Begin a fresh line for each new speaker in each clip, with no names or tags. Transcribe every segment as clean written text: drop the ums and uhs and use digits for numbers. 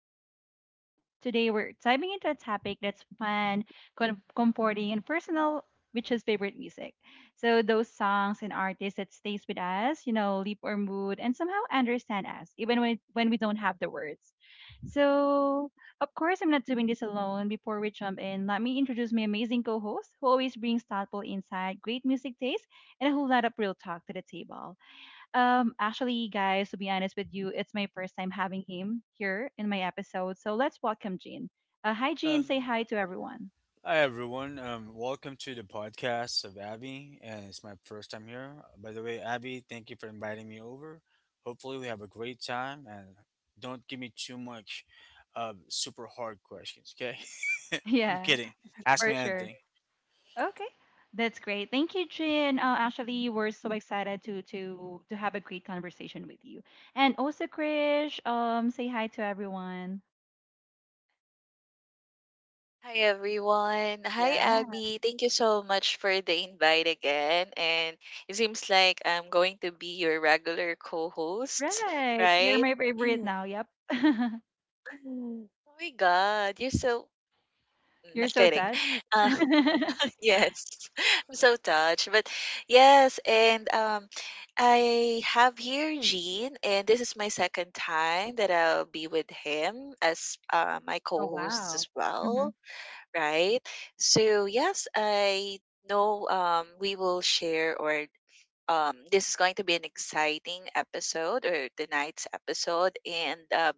host Abby again. Today we're diving into a topic that's fun, comforting, and personal, which is favorite music. So those songs and artists that stays with us, you know, leap our mood and somehow understand us, even when we don't have the words. So of course I'm not doing this alone. Before we jump in, let me introduce my amazing co-host, who always brings thoughtful insight, great music taste, and a whole lot of real talk to the table. Actually, guys, to be honest with you, it's my first time having him here in my episode. So let's welcome Jean. Hi, Jean.
Um,
Say hi to everyone.
hi everyone. Welcome to the podcast of Abby, and it's my first time here. By the way, Abby, thank you for inviting me over. Hopefully, we have a great time, and don't give me too much super hard questions. Okay, I'm
Yeah,
kidding. Ask
for
me
sure.
anything.
Okay, that's great. Thank you, Jean. Actually, we're so excited to have a great conversation with you. And also, Krish. Say hi to everyone.
Hi everyone. Hi
Yeah,
Abby. Thank you so much for the invite again. And it seems like I'm going to be your regular co-host,
right. You're
right?
my favorite now. Yep.
Oh my god, you're so n-
You're so
kidding.
touched.
Uh,
Oh
Yes, I'm so touched. But yes, and I have here Gene, and this is my second time that I'll be with him as my co-host as
wow.
well, right? So yes, I know we will share or this is going to be an exciting episode or tonight's episode, and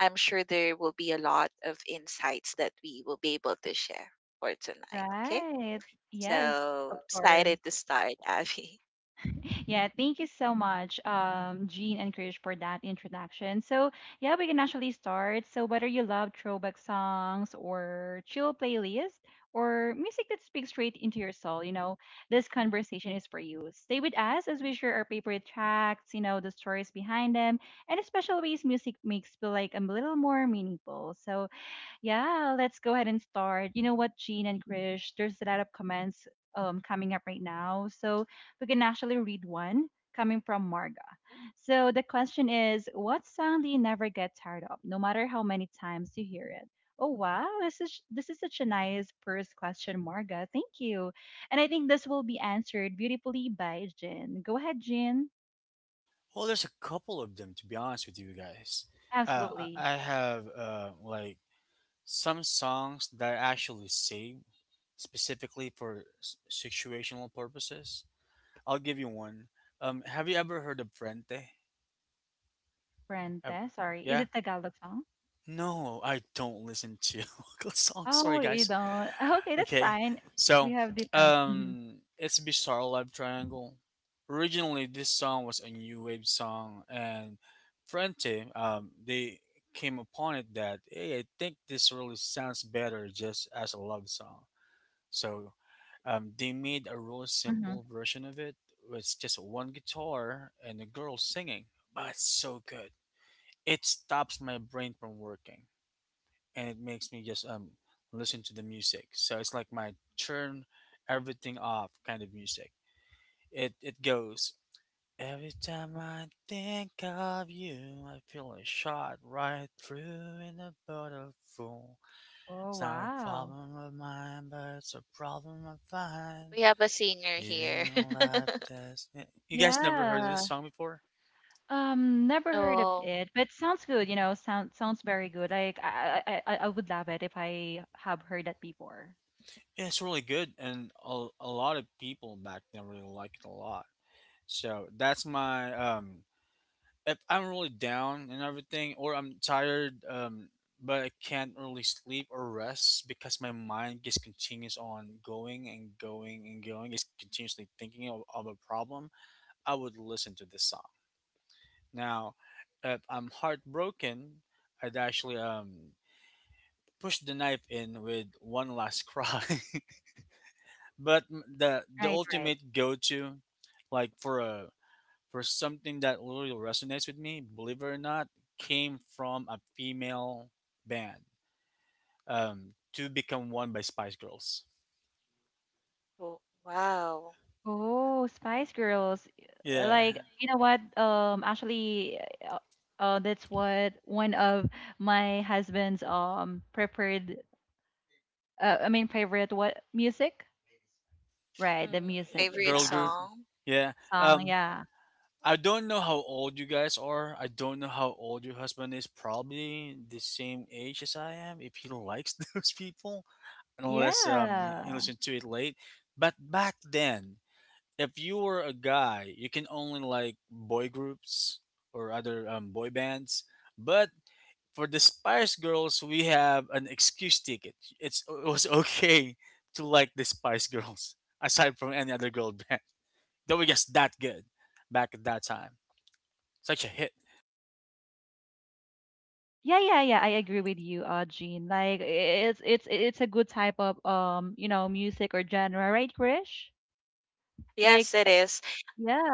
I'm sure there will be a lot of insights that we will be able to share for tonight. Okay.
Right. Yes, of
So excited
course.
to start, Abby.
Yeah, thank you so much, Jean and Krish, for that introduction. So, yeah, we can actually start. So, whether you love throwback songs or chill playlist or music that speaks straight into your soul, you know, this conversation is for you. Stay with us as we share our favorite tracks, you know, the stories behind them, and the special ways music makes feel like a little more meaningful. So, yeah, let's go ahead and start. You know what, Jean and Krish, there's a lot of comments coming up right now. So we can actually read one coming from Marga. So the question is, what song do you never get tired of, no matter how many times you hear it? Oh wow, this is such a nice first question, Marga. Thank you. And I think this will be answered beautifully by Jean. Go ahead, Jean.
Well, there's a couple of them, to be honest with you guys. Uh,
Absolutely.
I have like some songs that I actually save specifically for situational purposes. I'll give you one. Have you ever heard of Frente?
Brenda,
Ever?
sorry. Is
Yeah.
it Tagalog song?
No, I don't listen to local songs.
Oh,
Sorry,
you
guys.
don't. Okay, that's
Okay,
fine. We
so
have different.
it's Bizarre Love Triangle. Originally, this song was a new wave song, and Frente, they came upon it that hey, I think this really sounds better just as a love song. So they made a really
Hmm
simple version of it with just one guitar and a girl singing, but it's so good. It stops my brain from working, and it makes me just listen to the music. So it's like my turn everything off kind of music. It goes, every time I think of you, I feel a shot right through in a bottle full.
Oh,
It's not a
wow.
problem of mine, but it's a problem of mine.
We have a singer
Living
here.
a life that's yeah. You guys never heard of
Yeah.
this song before?
Never heard of
Oh,
it, but sounds good, you know, sounds very good. Like I would love it if I have heard that before.
Yeah, it's really good, and a lot of people back then really liked it a lot. So that's my. If I'm really down and everything, or I'm tired, but I can't really sleep or rest because my mind just continues on going and going and going, just continuously thinking of a problem, I would listen to this song. Now, if I'm heartbroken, I'd actually pushed the knife in with one last cry. But the
Right, right.
ultimate go to, like, for a, for something that really resonates with me, believe it or not, came from a female band, "To Become One" by Spice Girls.
oh, wow.
Oh, Spice Girls.
Yeah,
Like, you know what? Actually, uh, that's what one of my husband's preferred I mean favorite what music? Right, the
Mhm.
music.
Favorite
girl
Yeah.
group.
song?
Yeah.
Song,
Um,
yeah.
I don't know how old you guys are. I don't know how old your husband is. Probably the same age as I am, if he likes those people, unless you
Yeah.
listen to it late. But back then, if you were a guy, you can only like boy groups or other boy bands. But for the Spice Girls, we have an excuse ticket. It was okay to like the Spice Girls aside from any other girl band. They were just that good back at that time. Such a hit.
Yeah, yeah, yeah. I agree with you, Jean. Like it's it's a good type of you know, music or genre, right, Krish? Like,
Yes, it is.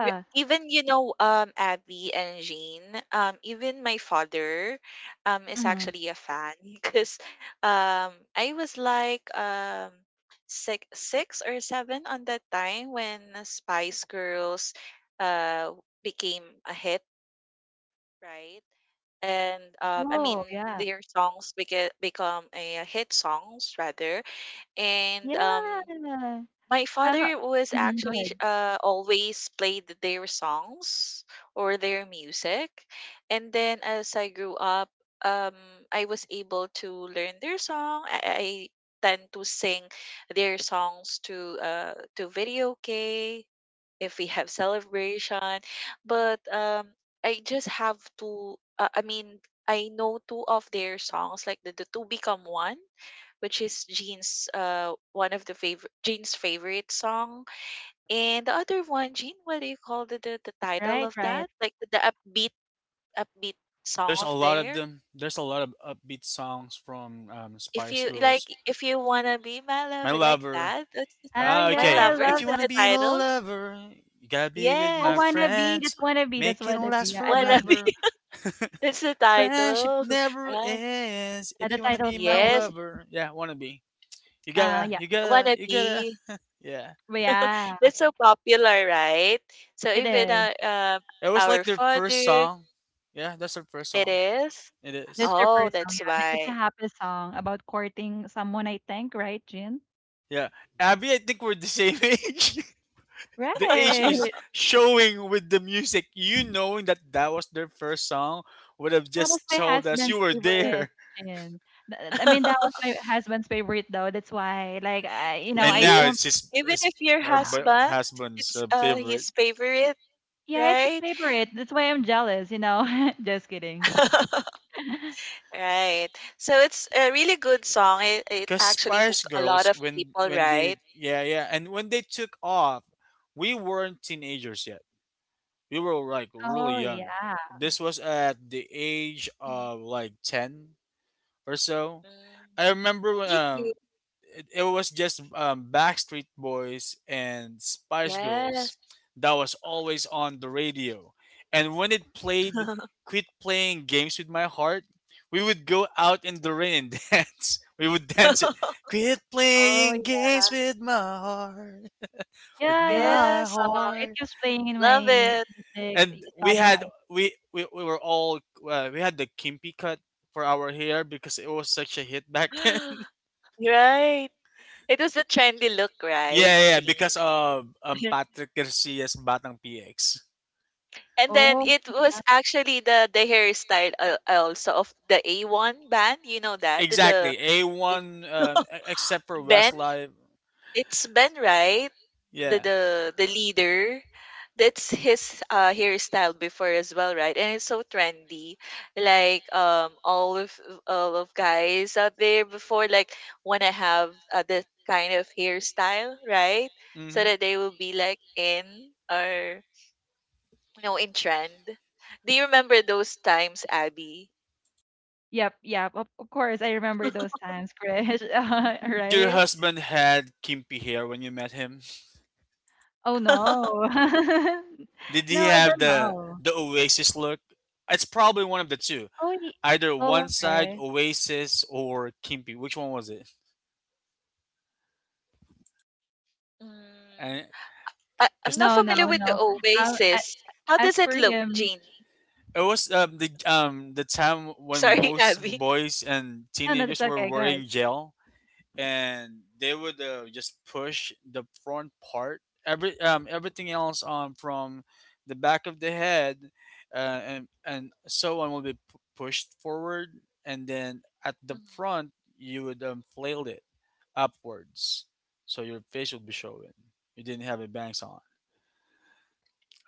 Re- Even you know, Abby and Jean, even my father, is
Mm-hmm.
actually a fan because, I was like, six or seven on that time when Spice Girls uh, became a hit, right? And I mean,
Oh, yeah.
their songs become a hit songs rather. And
Yeah.
My
Uh-huh.
father was
Hmm. Go
actually
ahead.
always played their songs or their music. And then as I grew up, um, I was able to learn their song. I tend to sing their songs to video K if we have celebration. But I just have to. I mean, I know two of their songs, like the two become one, which is Jean's one of the favorite Jean's favorite song, and the other one, Jean, what do you call the title
Right,
of
right.
that? Like the upbeat song
There's a
of
lot of
there.
them. There's a lot of upbeat songs from
If
Spice
you
Girls.
like, if you wanna be my
My
lover, like
Lover.
that. That's
Oh
Ah,
my
yeah, I
okay.
lover, is
If
love
you
that
that.
wanna
the
be my
title?
lover, you gotta be with
Oh,
my
Yes,
friends. Make it
wannabe.
last
Yeah, I
wanna
love
be.
that.
forever.
That's the
Friendship
title.
never
Ah,
ends.
Yeah,
If
the
you wanna be
title's
my
yes,
wannabe.
lover, yeah, wanna be. You gotta,
Yeah.
you gotta, you
wannabe.
gotta. Yeah,
But yeah,
That's so popular, right? So
it
even
is.
uh, um,
it was like
our
their first
father,
song. Yeah, that's their first
it
song.
is.
It
That's
is.
their
Oh,
first song.
that's
Yeah, it's a
why.
happy song about courting someone, I think, right, Jean?
Yeah, Abby, I think we're the same age. The age
Right.
is showing with the music. You knowing that that was their first song would have
That was
just
my
told us you
husband's
were
favorite
there.
gin. I mean, that was my husband's favorite though. That's why, like, I, you know,
And
I
See,
now
don't.
it's just
even
it's
if your
her
Uh,
husband,
husband's
it's
favorite.
his favorite,
Yeah, it's his
right?
favorite. That's why I'm jealous. You know, just kidding.
Right. So it's a really good song. It
Cause
actually
Spice
hooked a lot
Girls,
of
when
people,
when
right?
they, yeah, yeah, and when they took off, we weren't teenagers yet. We were like really
Oh
young.
yeah.
This was at the age
Mhm.
of like ten or so.
Mm.
I remember
Me too.
it was just Backstreet Boys and Spice Girls
Yes.
that was always on the radio. And when it played, quit playing games with my heart, we would go out in the rain and dance. We would dance it. Quit
Oh
playing
yeah.
games with my heart, with
Yeah, I love that
my
Yes.
song. It
heart.
keeps playing in my
Love it.
music
And we had
Spotify.
we were all we had the kimpy cut for our hair because it was such a hit back then.
Right. It was the trendy look,
Yeah,
right,
yeah, yeah,
Jean?
because of Patrick Garcia's Batang PX.
And then
Oh
it was actually the hairstyle also of the A1 band. You know that the the
Exactly.
the
A1 except for
Ben.
Westlife.
It's Ben, right? The
Yeah.
the the leader. That's his hairstyle before as well, right? And it's so trendy. Like all of guys out there before like wanna have that kind of hairstyle, right? So
Mhm.
that they will be like in or you know in trend. Do you remember those times, Abby?
yep, yep. Of course, I remember those times, Krish.
Did your
Right?
husband had kimpy hair when you met him?
Oh no.
Did he
No, I
have
don't
the
know.
Oasis look? It's probably one of the two.
Oh, ye-
Either
oh
one side
okay.
Oasis or kimpy. Which one was it?
Mm,
And
I'm
cuz
not
No, no,
familiar with the
no. Um, a-
Oasis. How does
as
it
per
look,
him,
Jean?
it was the time when
Sorry,
most
Abby.
boys and
no, no, that's
teenagers were
okay. Go ahead.
wearing gel, and they would just push the front part, everything else from the back of the head, and so on, will be pushed forward, and then at the
Mhm.
front you would flail it upwards so your face would be showing. You didn't have a bangs on.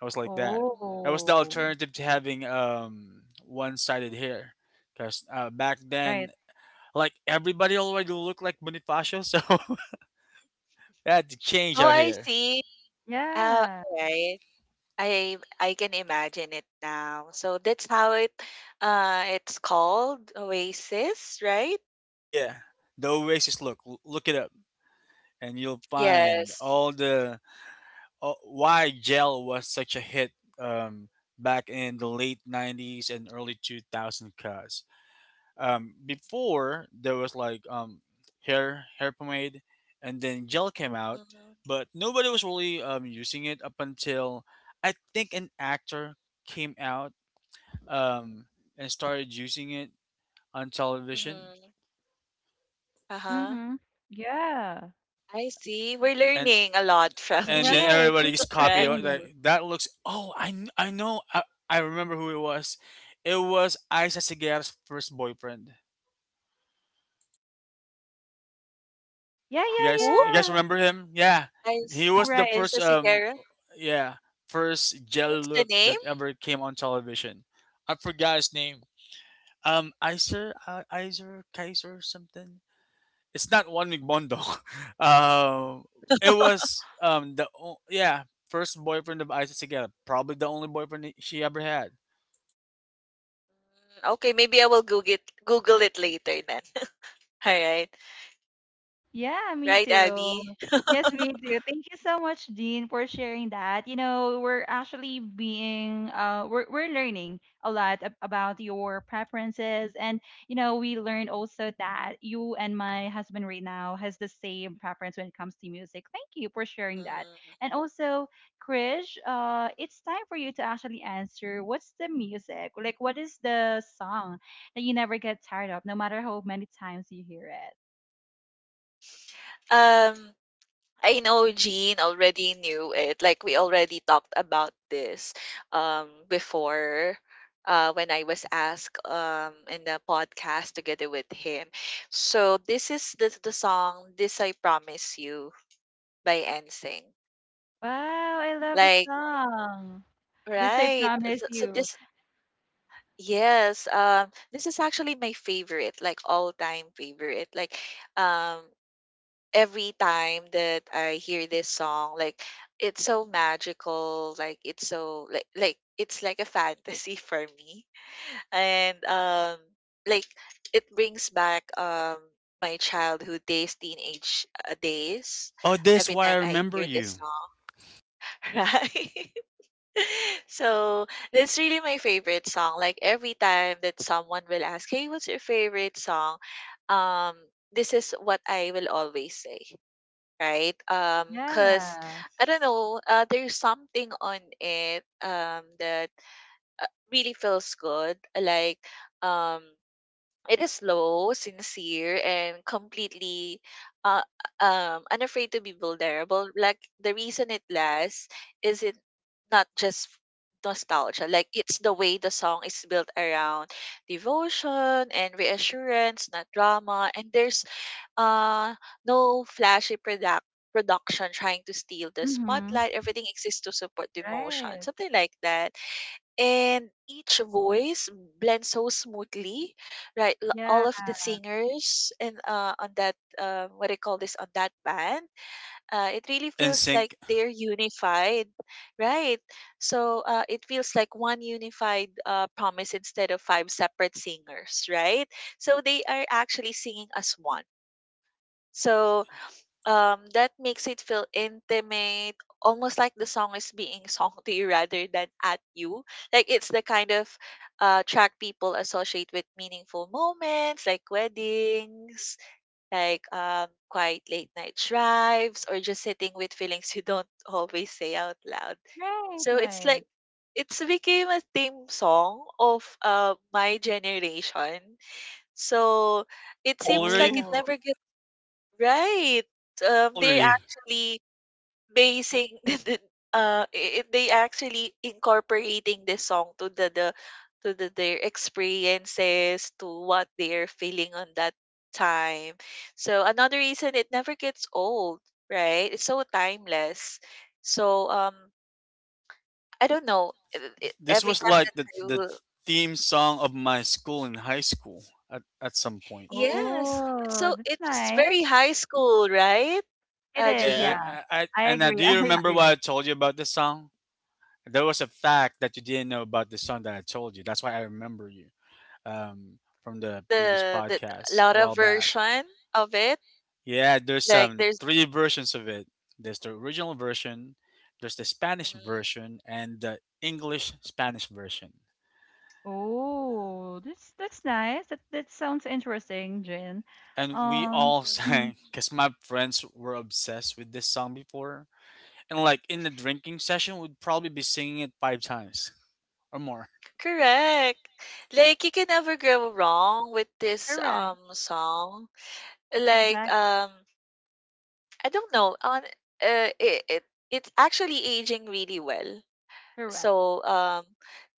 I was like that. That
Mm.
was the
Oh,
alternative to having one-sided hair, because back then,
right.
like, everybody already looked like Bonifacio, so they had to change
Oh,
out
I
here.
see. Oh,
Yeah.
all right. I can imagine it now. So that's how it it's called Oasis, right?
Yeah, the Oasis look. Look it up, and you'll find
Yes.
all the all, why gel was such a hit um, back in the late '90s and early 2000s. Cause before there was like hair pomade, and then gel came out,
Mhm.
but nobody was really using it up until I think an actor came out, um, and started using it on television,
Mhm. Uh-huh.
Mm-hmm. Yeah.
I see. We're
and
learning a lot from
and
Right.
then
Jean,
Thank
everybody's
you for
copy
right?
sharing
it,
those.
like that looks. I know, I remember who it was. It was Isa Segura's first boyfriend.
Yeah,
You guys,
Who?
you guys
yeah,
remember him? Yeah,
Is
he
yeah.
was the
Right.
first
Isa Sigera?
yeah first gel
What's the
look
name?
that ever came on television. I forgot his name. Iser Kaiser something. It's not Juan Migbondo. um it was yeah, first boyfriend of Isa Segura, probably the only boyfriend she ever had.
Mm, okay, maybe I will Google it later then. All right.
Yeah, me
Right,
too.
Abby?
Yes, me too. Thank you so much, Dean, for sharing that. You know, we're actually being, we're learning a lot about your preferences. And, you know, we learned also that you and my husband right now has the same preference when it comes to music. Thank you for sharing that.
Mhm.
And also, Krish, it's time for you to actually answer what's the music? Like, what is the song that you never get tired of, no matter how many times you hear it?
Um, I know Jean already knew it. Like we already talked about this before when I was asked in the podcast together with him. So this is the song This I Promise You by Ensing.
Wow, I love the
Like
song. This I
right.
promise
So
you.
this yes, this is actually my favorite, like all-time favorite. Like um every time that I hear this song, like it's so magical, like it's it's like a fantasy for me. And Like it brings back my childhood days, teenage days
Oh, this
every
why I
time I
remember
hear this
you.
song, right? So that's really my favorite song. Like every time that someone will ask, "Hey, what's your favorite song?" um this is what I will always say, right? Cause
Yeah.
I don't know, there's something on it that uh, really feels good. Like um, it is slow, sincere, and completely uh unafraid to be vulnerable. Like the reason it lasts is it not just nostalgia, like it's the way the song is built around devotion and reassurance, not drama, and there's uh no flashy production trying to steal the
Mm-hmm.
spotlight, everything exists to support the emotion,
Right.
something like that. And each voice blends so smoothly, right, all
Yeah.
of the singers, and on that what I call this on that band, it really feels like
NSYNC.
they're unified, right? So it feels like one unified promise instead of five separate singers, right? So they are actually singing as one. So that makes it feel intimate, almost like the song is being sung to you rather than at you. Like it's the kind of track people associate with meaningful moments, like weddings, like quiet late night drives, or just sitting with feelings you don't always say out loud.
Right,
So it's
right.
like it's became a theme song of my generation. So
How
it
old
seems
are
like it
you?
Oh.
never gets right.
How old are
They're
you?
actually basing the, they actually incorporating this song to their experiences to what they're feeling on that time. So another reason it never gets old, right? It's so timeless. So I don't know.
This
Every
was
time that
like the
I will
theme song of my school in high school at some point.
yes, it's
Oh,
so
that's
it's very
nice.
high school, right?
It is,
Yeah,
Jean?
yeah. I
and now
agree.
do you
I
remember what
agree.
I told you about the song? There was a fact that you didn't know about the song that I told you. That's why I remember you from the previous
The
podcast a
Laura
while back.
version of it.
Yeah, there's
Like there's
three versions of it. There's the original version, there's the Spanish
mhm,
version, and the English Spanish version.
Oh, that's nice. That sounds interesting, Jin.
And we
Um,
all
mm,
mhm,
sang because my friends were obsessed with this song before, and like in the drinking session would probably be singing it five times or more.
correct. Like you can never go wrong with this
correct.
song. Like
Exact.
I don't know on uh, it's actually aging really well.
Correct.
So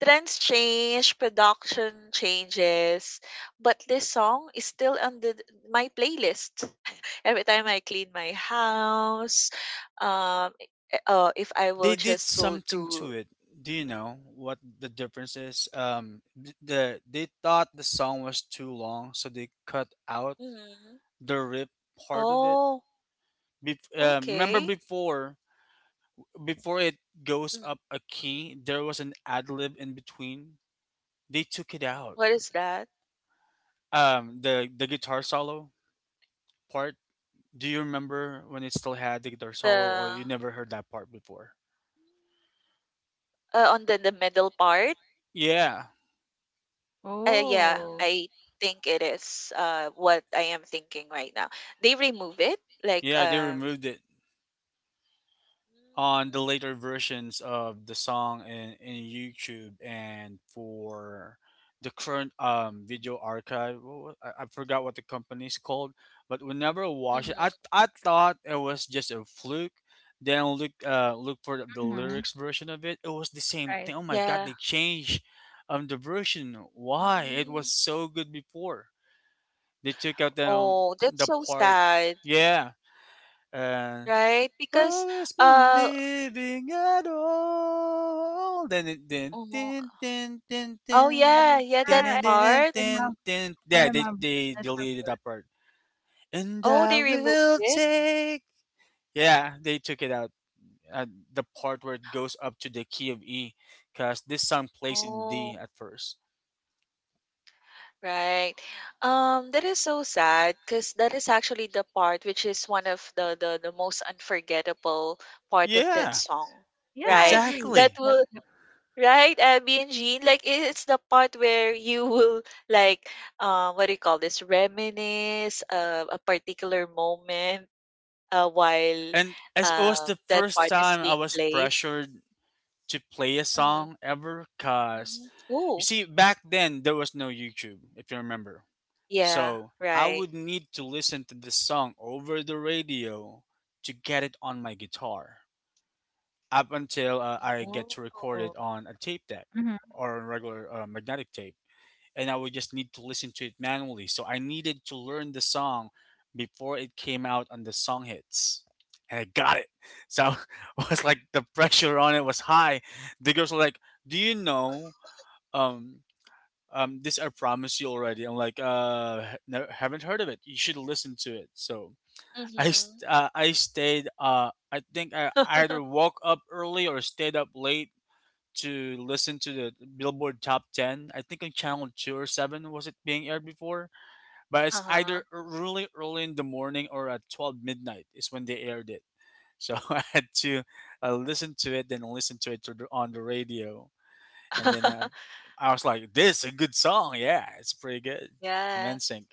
trends change, production changes, but this song is still on the my playlist every time I clean my house. Um if I
They
will
did
just go to
something to it. Do you know what the difference is? They thought the song was too long, so they cut out
hmm.
the rip part of it.
Oh,
Remember
okay.
before, it goes
Mhm.
up a key, there was an ad lib in between. They took it
Mm-hmm.
out,
What is that?
the guitar solo part. Do you remember when it still had the Darsolo, or
The
you never heard that part before?
on the middle part.
Yeah,
Yeah,
Oh.
I think it is what I am thinking right now. They remove it like
yeah, they
um.
removed it on the later versions of the song in YouTube and for the current video archive. What I forgot what the company's called, but whenever I watched it, I
Mm-hmm.
I thought it was just a fluke. Then look, uh, look for the
Mm-hmm.
lyrics version of it. It was the same
Right.
thing. Oh my god,
Yeah.
they changed the version. Why? It was
Mm.
so good before. They took out
Oh, that's
the
so
part,
sad,
yeah, and
right? Because
always been
uh
living at all. Then it
oh, oh
Oh,
yeah, yeah that
yeah,
part.
I remember.
then then.
I
Yeah,
remember.
they
That's
deleted that part. And
Oh,
I
they removed
will
it.
take, yeah, they took it out. Uh, the part where it goes up to the key of E, because this song plays in D
Oh.
at first.
Right. That is so sad because that is actually the part which is one of the most unforgettable part of that
Yeah,
song,
Yeah, I
right?
agree.
That
exactly.
Yep,
will
yep.
right, Abby and Jean, like it's the part where you will like what do you call this? Reminisce a particular moment while
And as it was the
that
first
part is
time I
being
was
played.
pressured to play a
Mm-hmm.
song ever, cause,
Mm-hmm.
you
Ooh,
see, back then there was no YouTube, if you remember.
yeah,
So I
right.
would need to listen to the song over the radio to get it on my guitar. Up until I get
Mm-hmm.
to record
Oh.
it on a tape deck
Mhm.
or a regular magnetic tape, and I would just need to listen to it manually. So I needed to learn the song before it came out on the song hits. And I got it. So I was like the pressure on it was high. The girls were like, "Do you know um this I promise you already?" I'm like, uh, no, haven't heard of it. You should listen to it. So I
Mm-hmm.
I stayed, uh, I think I either woke up early or stayed up late to listen to the Billboard Top 10. I think on Channel 2 or 7 was it being aired before, but it's either
Uh-huh.
really early in the morning or at 12 midnight is when they aired it. So I had to listen to it, then listen to it on the radio, and then I was like, "This is a good song, yeah, it's pretty good." From
Yes,
NSYNC.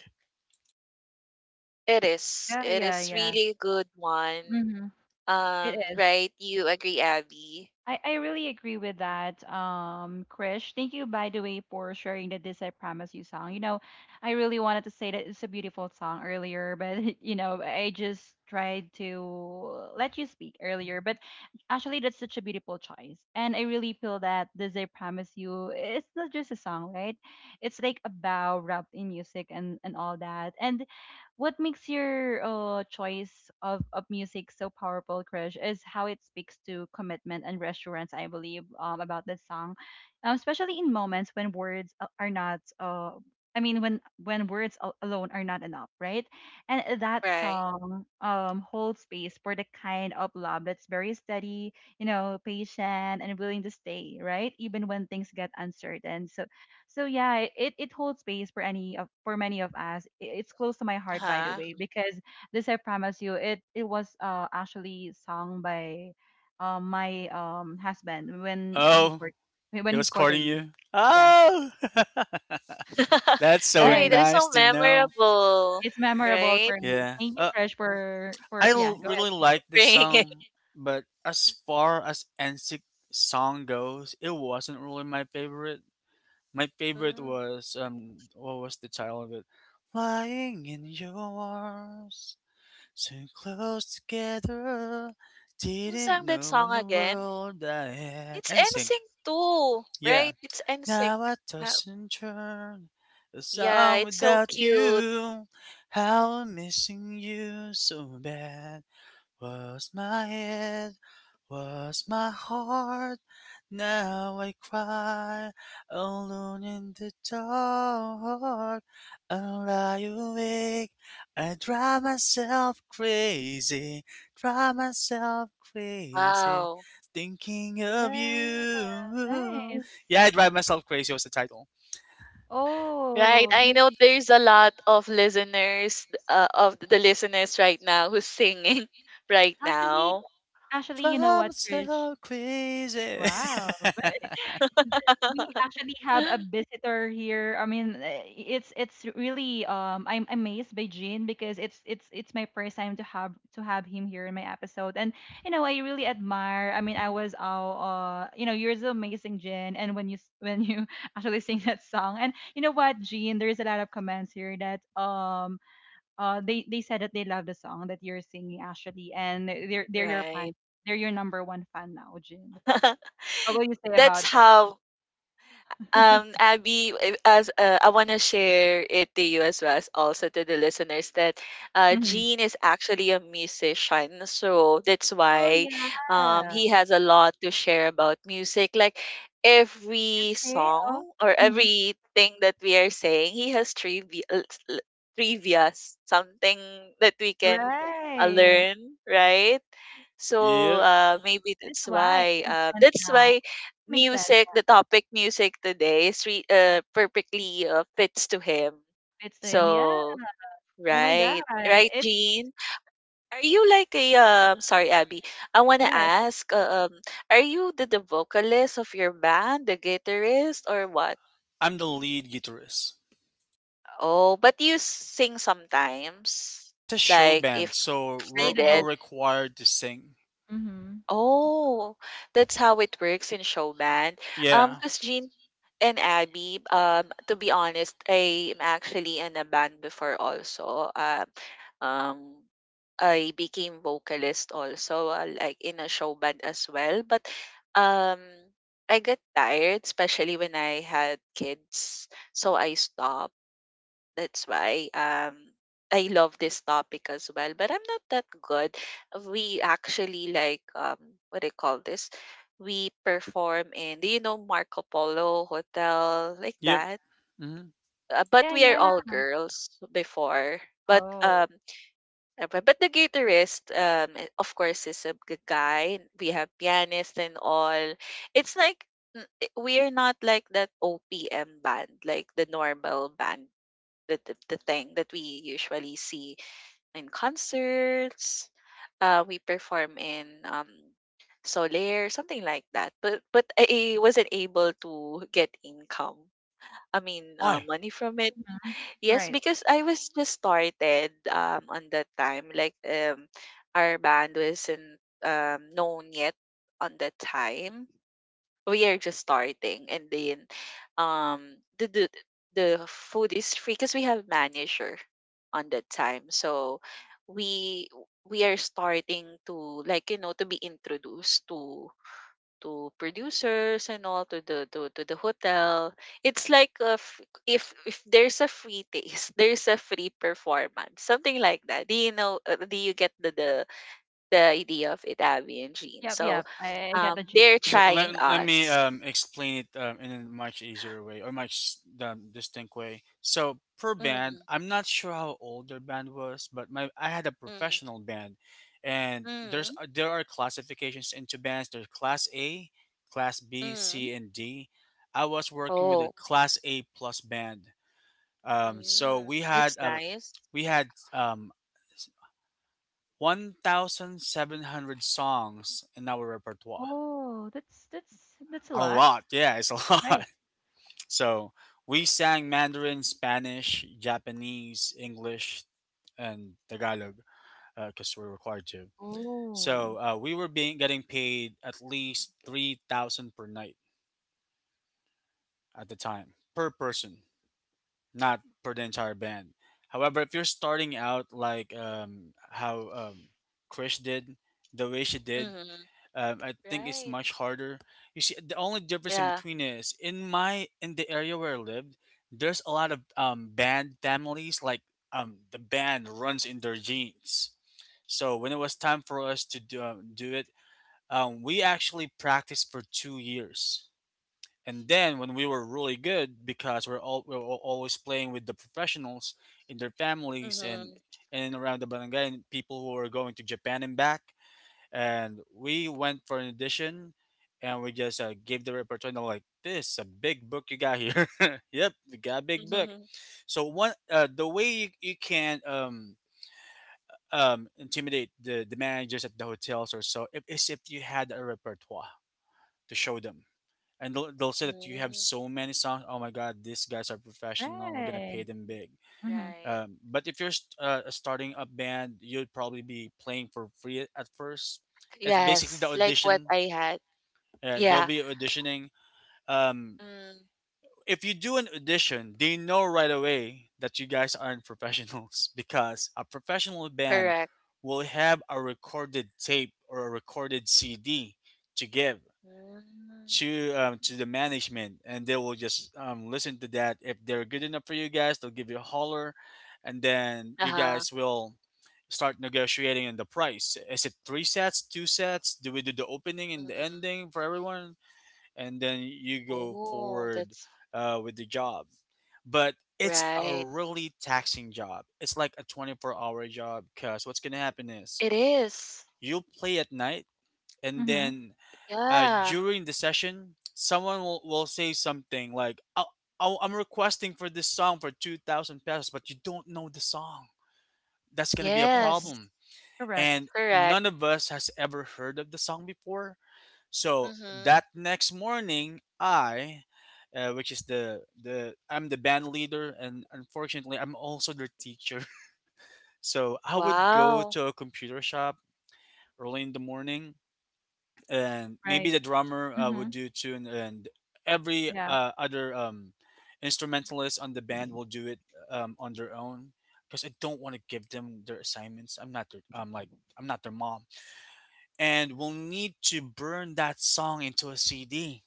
it is.
Yeah,
It
yeah,
is
yeah.
really a good one.
Mhm. It is.
Right? You agree, Abby?
I really agree with that, Krish. Thank you, by the way, for sharing the This I Promise You song. You know, I really wanted to say that it's a beautiful song earlier, but, you know, I just tried to let you speak earlier. But actually, that's such a beautiful choice. And I really feel that This I Promise You, it's not just a song, right? It's like a vow wrapped in music and all that. And what makes your choice of music so powerful, Krish, is how it speaks to commitment and reassurance, I believe, about this song, especially in moments when are not. I mean, when words alone are not enough, right? And that
Right.
song holds space for the kind of love that's very steady, you know, patient and willing to stay, right? Even when things get uncertain. So so yeah, it it holds space for any of for many of us. It's close to my heart, by the
Uh-huh.
way, because this I promise you, it was actually sung by my husband when he
Oh,
court when
he
he
was courting
courted me.
you.
Yeah,
Oh, that's so
Right.
right.
That is
nice
so
to know.
memorable.
It's memorable
Right?
for me.
Yeah.
Thank you, Krish,
I
for yeah.
l-
Go ahead.
really like this
Bring it.
song, but as far as NSYNC song goes, it wasn't really my favorite. My favorite
Mm.
was what was the title of it? Lying in your arms, so close together,
Who
didn't
sang that
know
song
in the
again?
world I had.
It's
NSYNC,
NSYNC too,
yeah.
right? It's
Now
NSYNC.
I
Wow.
toss and turn, a
Yeah,
song
it's so
without
cute.
you. How I'm missing you so bad. Was my head, was my heart. Now I cry alone in the dark. I lie awake. I drive myself crazy,
Wow.
thinking of
Yeah,
you.
nice.
Yeah, I drive myself crazy was the title.
Right.
Oh,
I
that's
know there's a lot of listeners, of the listeners, right now who's singing right
actually
now.
actually, you know
Drive
what, Krish?
myself crazy.
Wow. But we actually have a visitor here. I mean, eh, it's really I'm amazed by Jean because it's it's my first time to have him here in my episode. And you know, I really admire. I mean, I was all you know, you're so amazing, Jean. And when when you actually sing that song, and you know what, Jean, there is a lot of comments here that they said that they love the song that you're singing actually, and they're your
Right.
fan. They're your number one fan now, Jean. What will you say
That's
about it?
how Abby as I want to share it to you as well as also to the listeners that
Mhm.
Gene is actually a musician, so that's
Oh,
why
yeah.
he has a lot to share about music, like
You
every
see? Oh,
song or
mhm,
everything that we are saying he has trivia, trivias, something that we can
right.
learn, right? So
Yep,
uh, maybe
That's
that's
why.
why
Makes
uh,
sense
that's
now.
why
Makes sense.
music, the topic music today is perfectly fits to him.
Yeah. It's them. Yeah.
So
Oh my God.
right, right,
It.
Jean. Are you like a um? Sorry, Abby. I
Go
wanna
ahead.
ask. Are you the vocalist of your band, the guitarist, or what?
I'm the lead guitarist.
Oh, but you sing sometimes,
It's a show
like
band, so
if
we're
Read the
all
needed.
book.
required to sing.
Mhm.
Oh, that's how it works in show band.
Yeah.
Because Jean and Abby, to be honest, I am actually in a band before also. um, I became vocalist also, like in a show band as well. But um, I got tired, especially when I had kids, so I stopped. That's why I love this topic as well. But I'm not that good. We actually like what do you call this? We perform in, do you know Marco Polo Hotel like
Yep.
that?
Hmm.
But
Yeah,
we are
yeah.
all girls before. But
Oh.
but the guitarist of course is a guy. We have pianist and all. It's like we are not like that OPM band, like the normal band the thing that we usually see in concerts. We perform in Solaire, something like that. But I wasn't able to get income. I mean,
Why?
money from it.
Mhm.
Yes,
Right.
because I was just started on that time. Like our band wasn't known yet on that time, we are just starting, and then um the the, the food is free because we have manager on that time, so we we are starting to, like, to be introduced to producers and all to to the hotel. It's like a if there's a free taste there's a free performance, something like that. Do you get the idea of it, Abby and Jean?
Yep,
So
yep. I got the gist.
they're
So let,
trying
let me
us.
explain it in a much easier way or much distinct way. So per band,
Mm,
I'm not sure how old their band was, but my I had a
mm,
professional band, and
mm,
there are classifications into bands. There's class A, class B,
mm.
C, and D. I was working with a
Oh,
class A plus band. So
mm,
we had
that's nice.
we had um, 1,700 songs in our repertoire.
Oh, that's that's a
A
lot.
lot, yeah, it's a
Right.
lot. So we sang Mandarin, Spanish, Japanese, English, and Tagalog because we're required to.
Oh.
So we were being getting paid at least 3,000 per night at the time per person. Not for the entire band. However, if you're starting out like how Krish did, the way she did,
Mm-hmm.
I think it's
Right.
much harder. You see, the only difference in
Yeah.
between is in the area where I lived, there's a lot of band families. Like the band runs in their genes. So when it was time for us to do it, we actually practiced for 2 years, and then when we were really good, because we're all we we're al- always playing with the professionals in their families, and
Mm-hmm.
around the barangay and people who were going to Japan and back. And we went for an audition, and we just gave the repertoire. And they're like, "This is a big book you got here." Yep, we got a big book. So one the way you can intimidate the managers at the hotels, or so if you had a repertoire to show them, they'll say that you have
Mm-hmm.
so many songs. Oh my God, these guys are professional, we're gonna pay
Right.
them big.
Mm-hmm.
Right.
Um, but if you're a starting up band, you'd probably be playing for free at first. It's basically the
Yes, like what
audition.
I had.
They'll
Yeah,
be auditioning. um,
mm,
if you do an audition, they know right away that you guys aren't professionals, because a professional band
correct.
will have a recorded tape or a recorded CD to give
Mm,
to
mm,
um, to the management, and they will just listen to that. If they're good enough for you guys, they'll give you a holler, and then you
uh-huh,
guys will start negotiating on the price. Is it three sets, two sets? Do we do the opening and the
mm.
ending for everyone? And then you go
Oh,
forward
that's
with the job. But it's a
right.
really taxing job. It's like a 24-hour job, because what's gonna happen is
It is.
you'll play at night, and
Mm-hmm.
then
Yeah.
during the session, someone will say something like, "Oh, oh, I'm requesting for this song for 2,000 pesos," but you don't know the song. That's going to be a
Oh,
Yes,
problem.
correct.
And
correct.
none of us has ever heard of the song before. So
Mm-hmm.
that next morning, I, which is the, I'm the band leader, and unfortunately I'm also their teacher. So I would go
Wow.
to a computer shop early in the morning, and maybe
Right.
the drummer would
Mm-hmm.
do a tune, and every
Yeah.
other instrumentalist on the band will do it on their own, because I don't want to give them their assignments. I'm like, I'm not their mom. And we'll need to burn that song into a CD,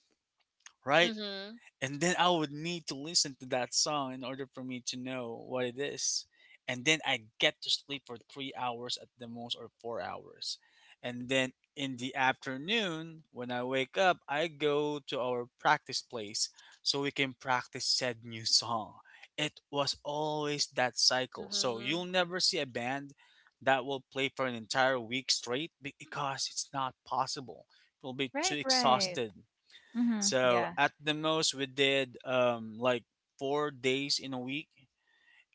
right?
Mm-hmm.
And then I would need to listen to that song in order for me to know what it is. And then I get to sleep for 3 hours at the most, or 4 hours. And then in the afternoon, when I wake up, I go to our practice place so we can practice said new song. It was always that cycle. So
Mm-hmm.
you'll never see a band that will play for an entire week straight because it's not possible. You'll be too
Right, right.
exhausted.
Mhm.
So
Yeah.
at the most, we did like 4 days in a week,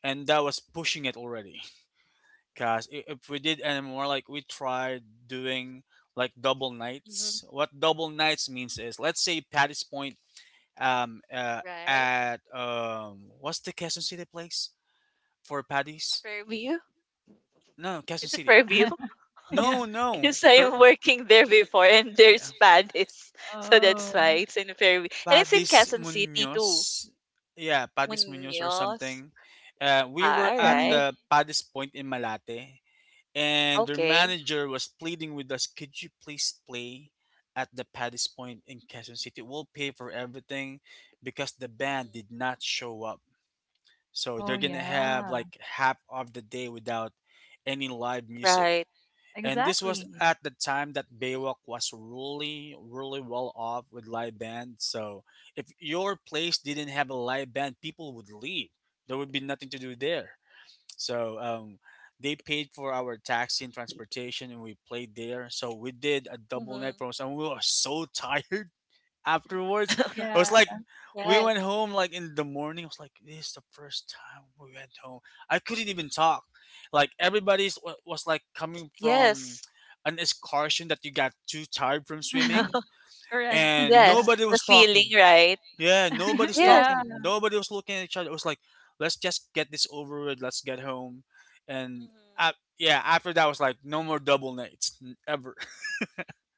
and that was pushing it already. Cause if we did any more, like we tried doing like double
Mm-hmm.
nights. What double nights means is, let's say Patty's Point, um, uh,
Right.
at what's the Quezon City place for Patty's?
Fairview?
No, Quezon
Is it
City.
Fairview?
Yeah.
No, no.
Because
For,
I'm working there before and
yeah.
there's Padis. So that's
Oh.
why it's in Fairview. And it's in
Padis
Quezon City too.
Munoz. Yeah, Padis Munoz or
Muñoz.
something. We
Ah,
were
all
at
right.
Mm.
the Padis Point in Malate, and their
Okay.
manager was pleading with us, could you please play at the Padis Point in Quezon City? We'll pay for everything, because the band did
Mhm.
not show up. So
Oh,
they're gonna have
yeah.
like half of the day without any live music.
Right.
And this was
Exactly.
at the time that
Hmm.
Baywalk was really, really well off with live band. So if your place didn't have a live band, people would leave. There would be nothing to do there. So they paid for our taxi and transportation, and we played there. So we did a double
Hmm.
night for us, and we were so tired afterwards. It was
Yeah.
like, we
Right.
went home like in the morning. I was like, this is the first time we went home. I couldn't even talk. Like everybody's was like coming from
Yes.
an excursion that you got too tired from
Mhm.
swimming,
Correct.
and
Yeah.
Yes.
nobody
The
was
feeling,
talking.
right?
Yeah, nobody's
Yes.
Yeah.
talking. Nobody was looking at each other. It was like, let's just get this over with. Let's get home. And
Hmm.
uh, yeah, after that was like, no more double nights ever.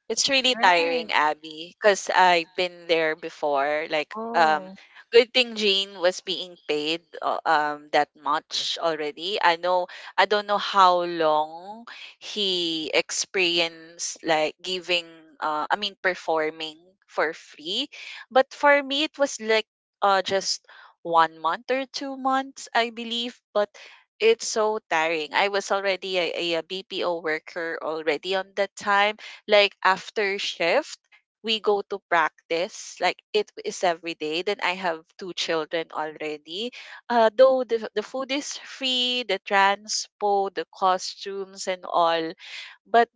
It's really
Right.
tiring, Abby, because I've been there before. Like,
Oh.
good thing Jean was being paid that much already. I know. I don't know how long he experienced, like, giving I mean performing for free, but for me it was like just 1 month or 2 months, I believe, but it's so tiring. I was already a BPO worker already on that time, like after shift we go to practice, like it is every day. Then I have two children already. Though the food is free, the transpo, the costumes and all, but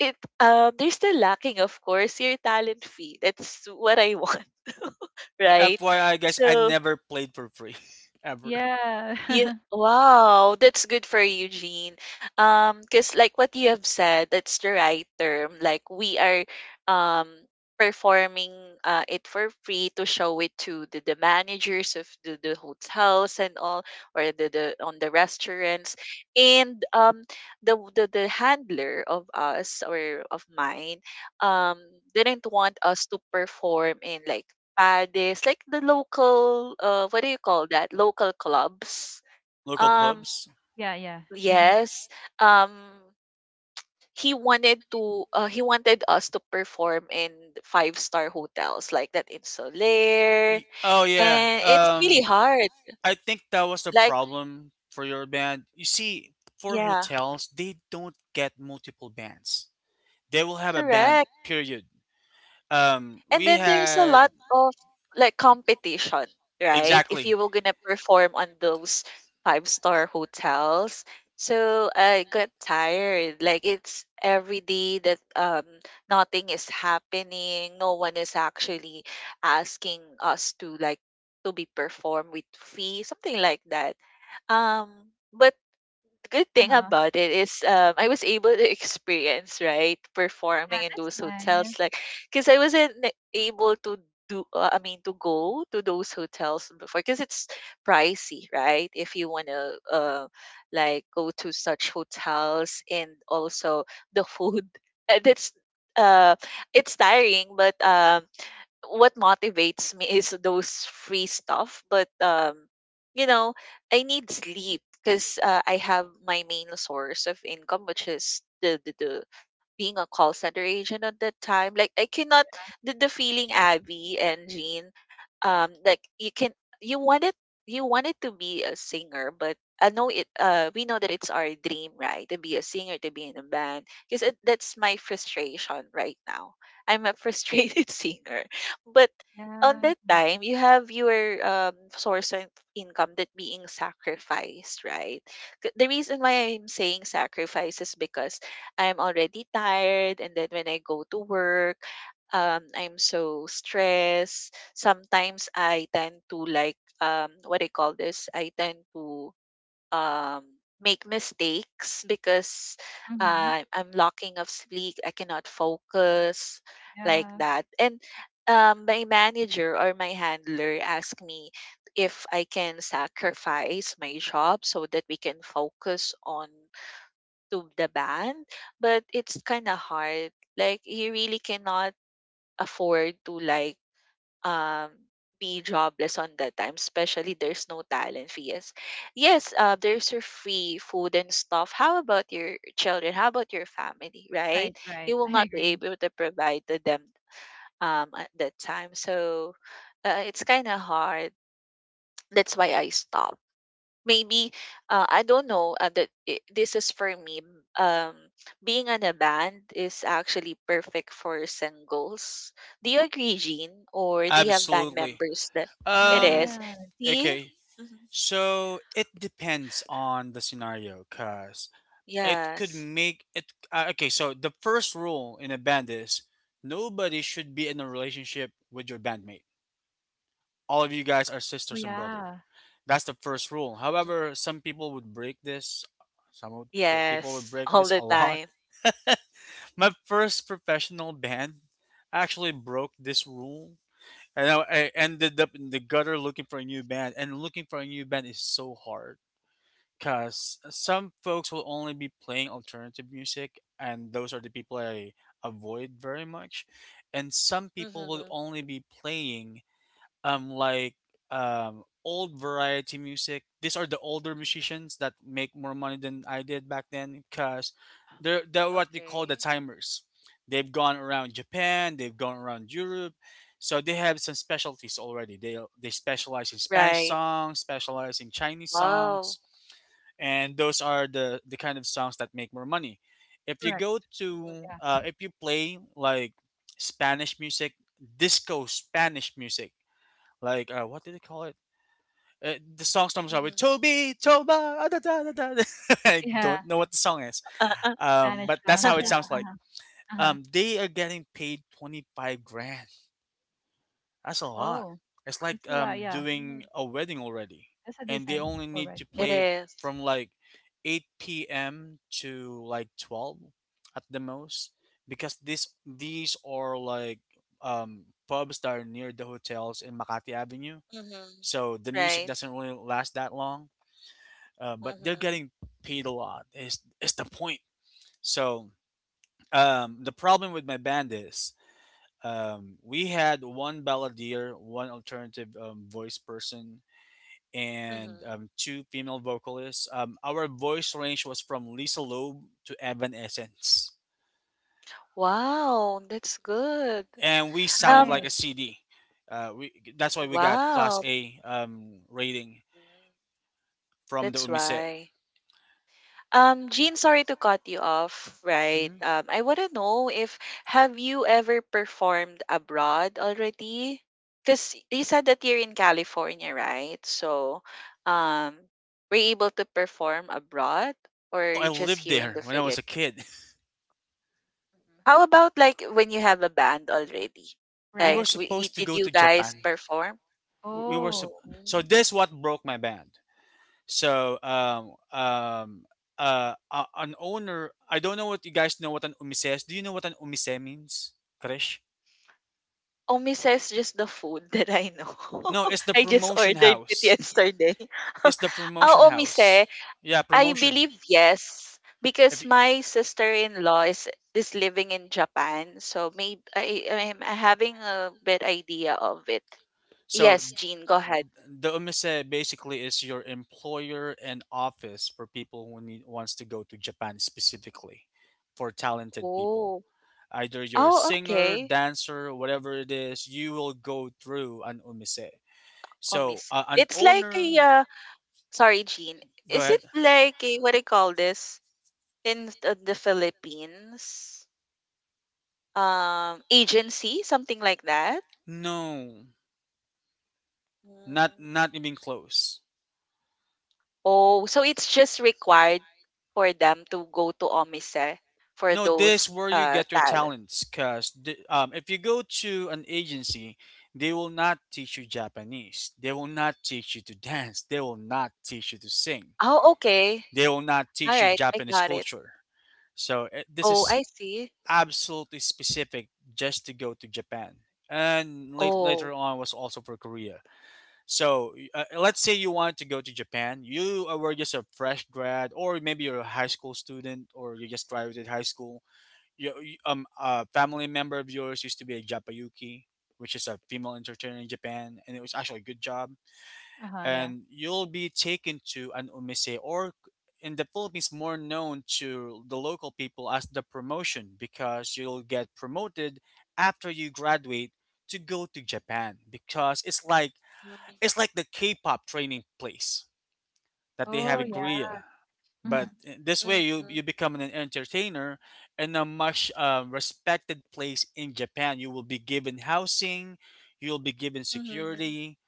it, they're still lacking, of course, your talent fee. That's what I want.
Oh,
Right.
FYI, guys, I
So
never played for free ever.
Yeah.
you wow, that's good for you, Jean. Because like what you have said, that's the right term. Like, we are um performing it for free to show it to the managers of the hotels and all, or the on the restaurants. And the handler of us, or of mine, um didn't want us to perform in, like, Pades, like the local, what do you call that? Local clubs.
Local
um,
pubs.
Yeah, yeah. Mhm.
yes. Um, he wanted us to perform in five-star hotels like that in Soler,
Oh yeah.
and it's really hard.
I think that was the
Like,
problem for your band. You see, for
yeah,
hotels, they don't get multiple bands. They will have a band.
correct.
Period.
And
We
then there's a
had.
lot of, like, competition, right? If
Exactly,
you were gonna perform on those five-star hotels. So I got tired. Like, it's every day that nothing is happening. No one is actually asking us to, like, to be performed with fee, something like that. But good thing
Uh-huh.
about it is, I was able to experience, right,
Yeah,
performing in
that's
those
nice.
hotels, like, because I wasn't able to do I mean to go to those hotels before because it's pricey, right? If you wanna like, go to such hotels, and also the food. That's uh, it's tiring, but what motivates me is those free stuff. But you know I need sleep because I have my main source of income, which is the being a call center agent at that time. Like, I cannot. The feeling, Abby and Jean, like, you wanted you wanted to be a singer, but I know it we know that it's our dream, right? To be a singer, to be in a band. That's my frustration right now. I'm a frustrated singer. But on
Yeah.
that time you have your source of income that being sacrificed, right? The reason why I'm saying sacrifice is because I'm already tired, and then when I go to work, I'm so stressed. Sometimes I tend to, like, what I call this? I tend to make mistakes because
Mhm.
I'm lacking of sleep. I cannot focus like
Yeah.
that, and my manager or my handler asked me if I can sacrifice my job so that we can focus on to the band, but it's kind of hard. Like, you really cannot afford to, like, um be jobless on that time, especially there's no talent fees. Yes, yes, there's your free food and stuff. How about your children? How about your family,
Right,
right?
right.
You will
I
not be
agree.
able to provide to them at that time. So, it's kind of hard. That's why I stopped. Maybe I don't know, this is for me. Um, Being in a band is actually perfect for singles. Do you agree, Jean? Or do you have band
absolutely.
members that it
Um,
is?
Right.
See?
okay.
Mhm.
So it depends on the scenario, cause it could
Yes.
make it okay. So the first rule in a band is nobody should be in a relationship with your bandmate, all of you guys are
Oh,
sisters and brother.
yeah.
That's the first rule.
Mhm.
However, some people would break this. some would, People would
Yes.
break
All
this
the
a lot.
time.
My first professional band actually broke this rule, and I ended up in the gutter looking for a new band. And looking for a new band is so hard, because some folks will only be playing alternative music, and those are the people I avoid very much. And some
Mm-hmm.
people will
Mm-hmm.
only be playing um like old variety music. These are the older musicians that make more money than I did back then, because they're what they call the
Okay.
timers. They've gone around Japan, they've gone around Europe. So they have some specialties already. They specialize in Spanish
Right.
songs, specialize in Chinese
Wow.
songs, and those are the kind of songs that make more money. If you
Correct.
go
Mhm.
to
Yeah.
if you play like Spanish music, disco Spanish music, like what did they call it? The song starts out with
Mhm.
"Toby, Toba, ah, da, da, da, da, da." I
Yeah.
don't know what the song is,
Uh, uh,
Spanish
but
class.
that's how
Yeah.
Mm-hmm.
it sounds like.
Uh-huh. Uh-huh.
They are getting paid 25 grand. That's a lot.
Oh,
It's
that's
like
a lot. Yeah.
doing a wedding already,
That's a
and they
decent.
only
All
need
right.
to
It
Mhm.
play
is.
from like 8 p.m. to like 12 at the most, because this these are like pubs that are near the hotels in Makati Avenue,
Mm-hmm.
so the music
Right.
doesn't really last that long. But they're
Mm-hmm.
getting paid a lot. Is the point? So the problem with my band is we had one balladeer, one alternative voice person, and
Mm-hmm.
two female vocalists. Our voice range was from Lisa Loeb to Evanescence,
Wow, that's good.
and we sounded
Um,
Right.
like a CD. We That's why we got Class
wow.
A rating
Mm,
from the
that's
Umise.
why. Jean, sorry to cut you off, right?
Mhm.
I want to know, if have you ever performed abroad already? Because you said that you're in California, right? So, um, were you able to perform abroad, or
No, I
you're just
lived
here in
there
the
when I was a
Philippines?
kid.
Mhm. How about, like, when you have a band already?
We
Like,
were
Right.
we
supposed to
did
go
you
to
guys
Japan.
perform?
We were sup-
Oh.
so
Mm.
this what broke my band. So an owner. I don't know what you guys know what an umise is. Do you know what an umise means, Krish?
Omise is just the food that I know.
No, it's the
I just
promotion
ordered it
house.
yesterday.
It's the
Ah,
promotion
omise,
house. Yeah,
I
promotion.
believe yes. Because
If you,
my sister-in-law is living in Japan, so maybe I am having a bit idea of it.
so,
Yes,
th-
Jean, go ahead.
the umise basically is your employer and office for people who need, wants to go to Japan specifically for talented people.
Oh,
Either you're a
oh,
singer,
okay.
dancer, whatever it is, you will go through an umise. So
Omise.
an
It's like a,
owner,
sorry, Jean.
go
Is
ahead.
it like a, what do you call this, in the Philippines? Agency, something like that.
No, not
Mm.
not even close.
Oh, so it's just required for them to go to OMISE for
No, this
those
where you get your
talent.
talents. Cause if you go to an agency, they will not teach you Japanese. They will not teach you to dance. They will not teach you to sing.
Oh, okay.
They will not
All
teach you
right, I
Japanese
got it.
culture. So this
Oh,
is
I see.
absolutely specific just to go to Japan. And later
Oh.
on was also for Korea. So let's say you want to go to Japan. You were just a fresh grad, or maybe you're a high school student, or you just graduated high school. A family member of yours used to be a japayuki, which is a female entertainer in Japan, and it was actually a good job,
Uh-huh, yeah.
and you'll be taken to an umise, or in the Philippines more known to the local people as the promotion, because you'll get promoted after you graduate to go to Japan, because it's like
Mm-hmm.
it's like the K-pop training place that they have
Oh,
in
yeah.
Korea. But
Mhm.
in this way you become an entertainer in a much respected place in Japan. You will be given housing, you'll be given
Mm-hmm.
security,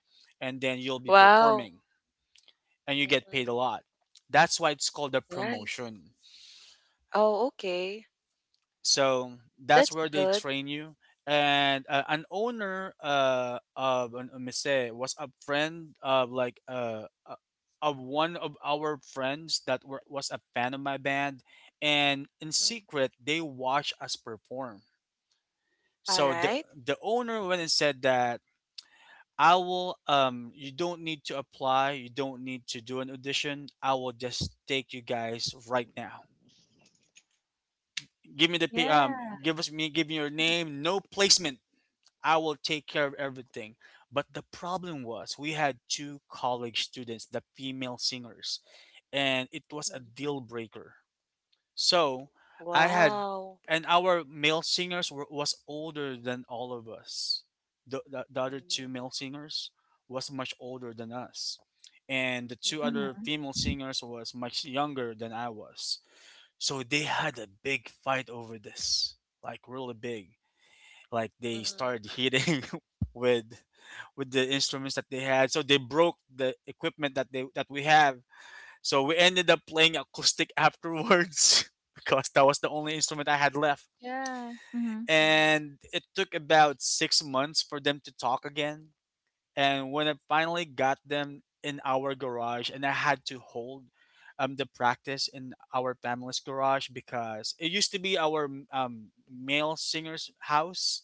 and then you'll be
Wow.
performing, and you get
Mm-hmm.
paid a lot. That's why it's called a
Right.
promotion.
Oh, okay.
So that's
That's
where they
good.
train you. And an owner of an Umise was a friend of like of one of our friends that was a fan of my band, and in
Mm-hmm.
secret they watch us perform.
All
So the
right.
the owner went and said that, I will you don't need to apply, you don't need to do an audition. I will just take you guys right now. Give me the pay. um,
Yeah.
give us me, give me your name. No placement. I will take care of everything. But the problem was we had two college students, the female singers, and it was a
Mm.
deal breaker. So I had,
Wow.
and our male singers were was older than all of us. The other two
Mm-hmm.
male singers was much older than us, and the two
Mm-hmm.
other
Mhm.
female singers was much younger than I was. So they had a big fight over this, like really big. Like they started hitting with with the instruments that they had. So they broke the equipment that they that we have. So we ended up playing acoustic afterwards because that was the only instrument I had left.
Yeah. Mhm.
Mm-hmm.
And it took about 6 months for them to talk again, and when I finally got them in our garage, and I had to hold the practice in our family's garage, because it used to be our male singer's house,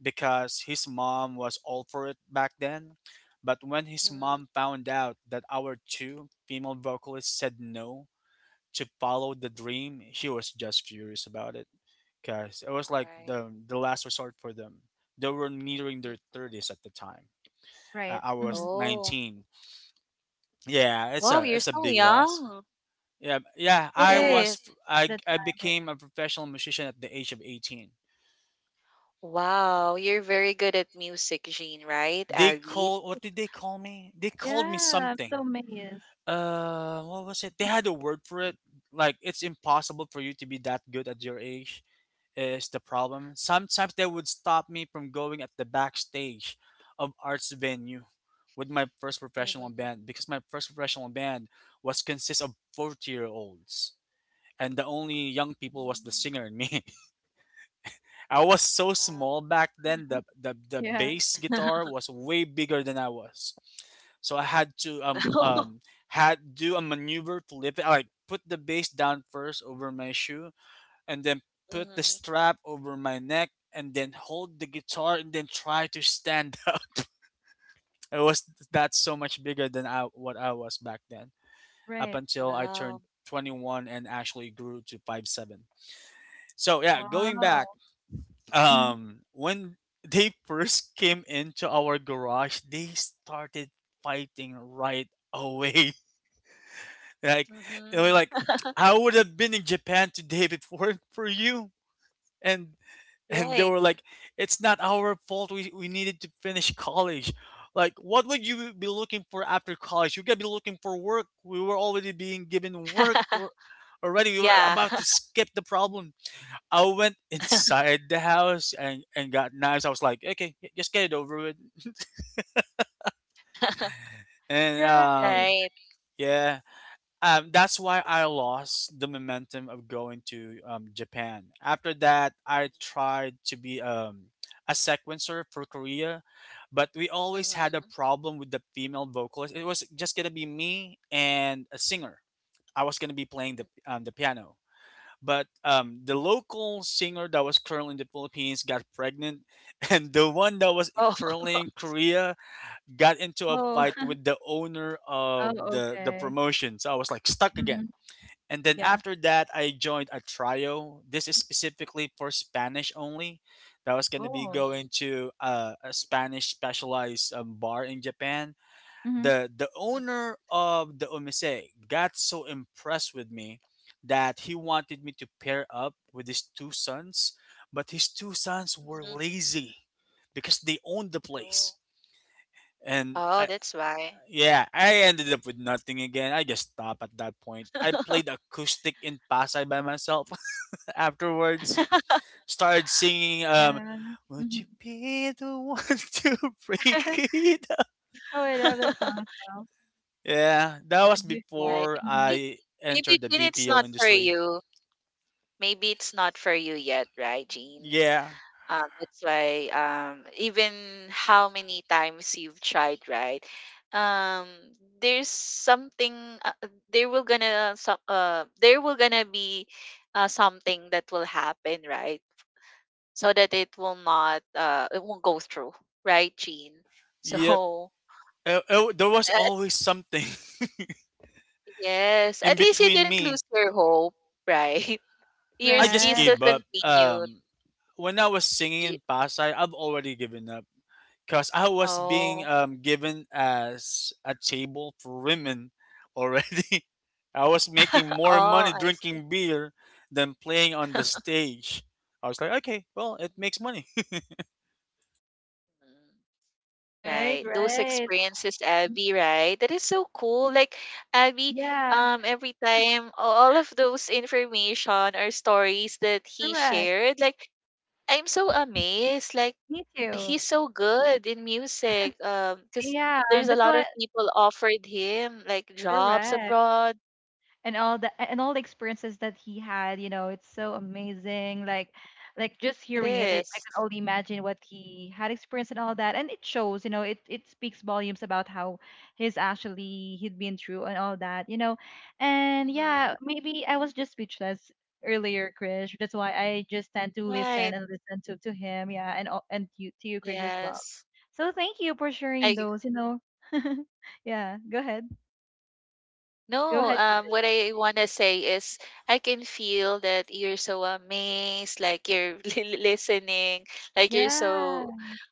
because his mom was all for it back then. But when his
Mm-hmm.
mom found out that our two female vocalists said no to follow the dream, she was just furious about it because it was like
Right.
the last resort for them. They were nearing
Mm.
their thirties at the time.
Right.
I was
Mhm.
Oh.
19. Yeah, it's
Wow,
a
you're
it's a
so
big loss.
young.
Yeah, yeah.
It
I
Yeah, at
was
is.
that
I
time, yeah.
became a professional musician at the age of 18.
Wow, you're very good at music, Jean, right,
They
Abby?
call what did they call me? They called me
Yeah, I'm
something.
so amazed.
What was it? They had a word for it. Like, it's impossible for you to be that good at your age. Is the problem? Sometimes they would stop me from going at the backstage of arts venue with my first professional
Mm-hmm.
band, because my first professional band was consist of 40-year olds, and the only young people was the singer and me. I was so
Wow.
small back then.
Mhm.
The
Yeah,
bass guitar was way bigger than I was, so I had to had do a maneuver to lift it. I Like, put the bass down first over my shoe, and then put the
Hmm.
strap over my neck, and then hold the guitar, and then try to stand up. It was That's so much bigger than what I was back then. Up
right.
until I
Wow.
turned 21 and actually grew to 5'7". So yeah, going
Wow.
back,
Mhm.
when they first came into our garage, they started fighting right away, like they were
Hmm.
like, "I would have been in Japan today if it weren't for you." And and they
Right.
were like, "It's not our fault, we needed to finish college. Like, what would you be looking for after college? You gotta be looking for work. We were already being given work, or already we were
Yeah.
about to skip the problem." I went inside the house, and got knives. I was like, "Okay, just get it over with." And
Right.
Right.
yeah, that's why I lost the momentum of going to Japan. After that, I tried to be a sequencer for Korea, but we always had a
Hmm.
problem with the female vocalist. It was just gonna be me and a singer. I was gonna be playing the piano, but the local singer that was currently in the Philippines got pregnant, and the one that was
Oh.
currently in Korea got into a
Oh.
Hmm.
fight with the owner
Oh,
of the
okay.
promotion. So I was like stuck again.
Mhm.
And then
Yeah.
after that, I joined a trio. This is specifically for Spanish only. That was gonna be
Oh.
Hmm.
going to a Spanish specialized bar in Japan.
Mhm.
The
Hmm.
owner of the omise got so impressed with me that he wanted me to pair up with his two sons, but his two sons were
Hmm.
lazy because they owned the
Oh.
place, and
Oh,
I,
that's why.
yeah I ended up with nothing again. I just stopped at that point. I played acoustic in Pasay by myself afterwards, started singing
Yeah.
"Would You
Mhm.
Be the One" to break it.
Oh, I love that song as well.
Yeah, that was
Would you
Right.
before
Mhm.
Maybe,
I
maybe,
entered the
Jean, it's
BPO
not for
industry.
you. Maybe it's not for you yet, right, Jean?
Yeah,
That's why, even how many times you've tried, right? Um, there's something there will gonna be something that will happen, right? So that it will not, it won't go through, right, Jean?
yep.
So,
There was
uh,
always something
yes,
in
at least you
between
didn't
me.
lose your hope, right?
I
Yours, you
just
Right,
still
gave up.
continued.
When I was singing
Y-
in Pasay, I've already given up because I was being
Oh.
given as a table for women already. I was making more
Oh,
money
I see.
drinking beer than playing on the stage. I was like, okay, well, it makes money.
Mhm.
right,
Right. Those
right.
experiences, Abby, right? That is so cool. Like, Abby,
Yeah,
every time all of those information or stories that he
correct.
shared, like, I'm so amazed. Like,
Me too.
he's so good in music. Because
Yeah,
there's a
that's
lot
what.
of people offered him like jobs
Correct.
abroad.
And all the experiences that he had, you know, it's so amazing. Like just
It
hearing it, I
is.
can only imagine what he had experienced and all that. And it shows, you know, it speaks volumes about how he's actually he'd been through and all that, you know. And
Mm-hmm.
yeah, maybe I was just speechless earlier, Krish. That's why I just tend to listen
Right.
and listen to him, yeah, and and you, to you, Krish, as well.
Yes.
So thank you for sharing
I
those, you know. Yeah, go ahead. Go
No,
ahead, Krish.
what I want to say is, I can feel that you're so amazed, like you're listening, like you're
Yeah,
so,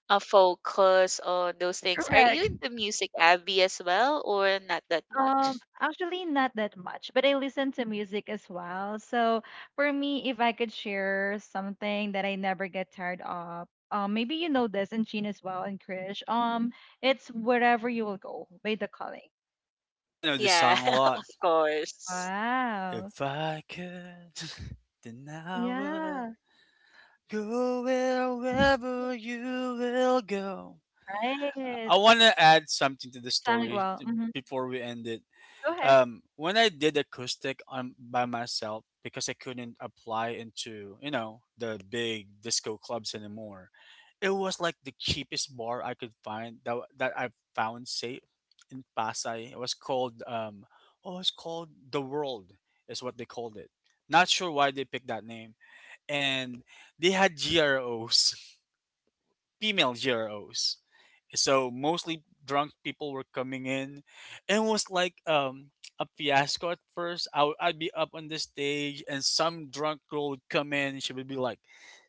focused on those things. Are
correct.
you into music, Abby, as well, or not that much?
Actually, not that much, but I listen to music as well. So for me, if I could share something that I never get tired of, maybe you know this, and Jean as well, and Krish. It's Wherever You Will Go by The Calling.
I know this
Yeah,
song a lot.
of course.
Wow.
If I could, then I would
Yeah.
go wherever you will go.
Right.
I want to add something to the
Sang it
story
well. Mm-hmm.
before we end it.
Go ahead.
When I did acoustic on by myself, because I couldn't apply into, you know, the big disco clubs anymore, it was like the cheapest bar I could find that that I found safe in Pasay. It was called oh, it's called "The World" is what they called it. Not sure why they picked that name. And they had GROs, female GROs. So mostly drunk people were coming in, and it was like a fiasco at first. I'd be up on the stage, and some drunk girl would come in, and she would be like,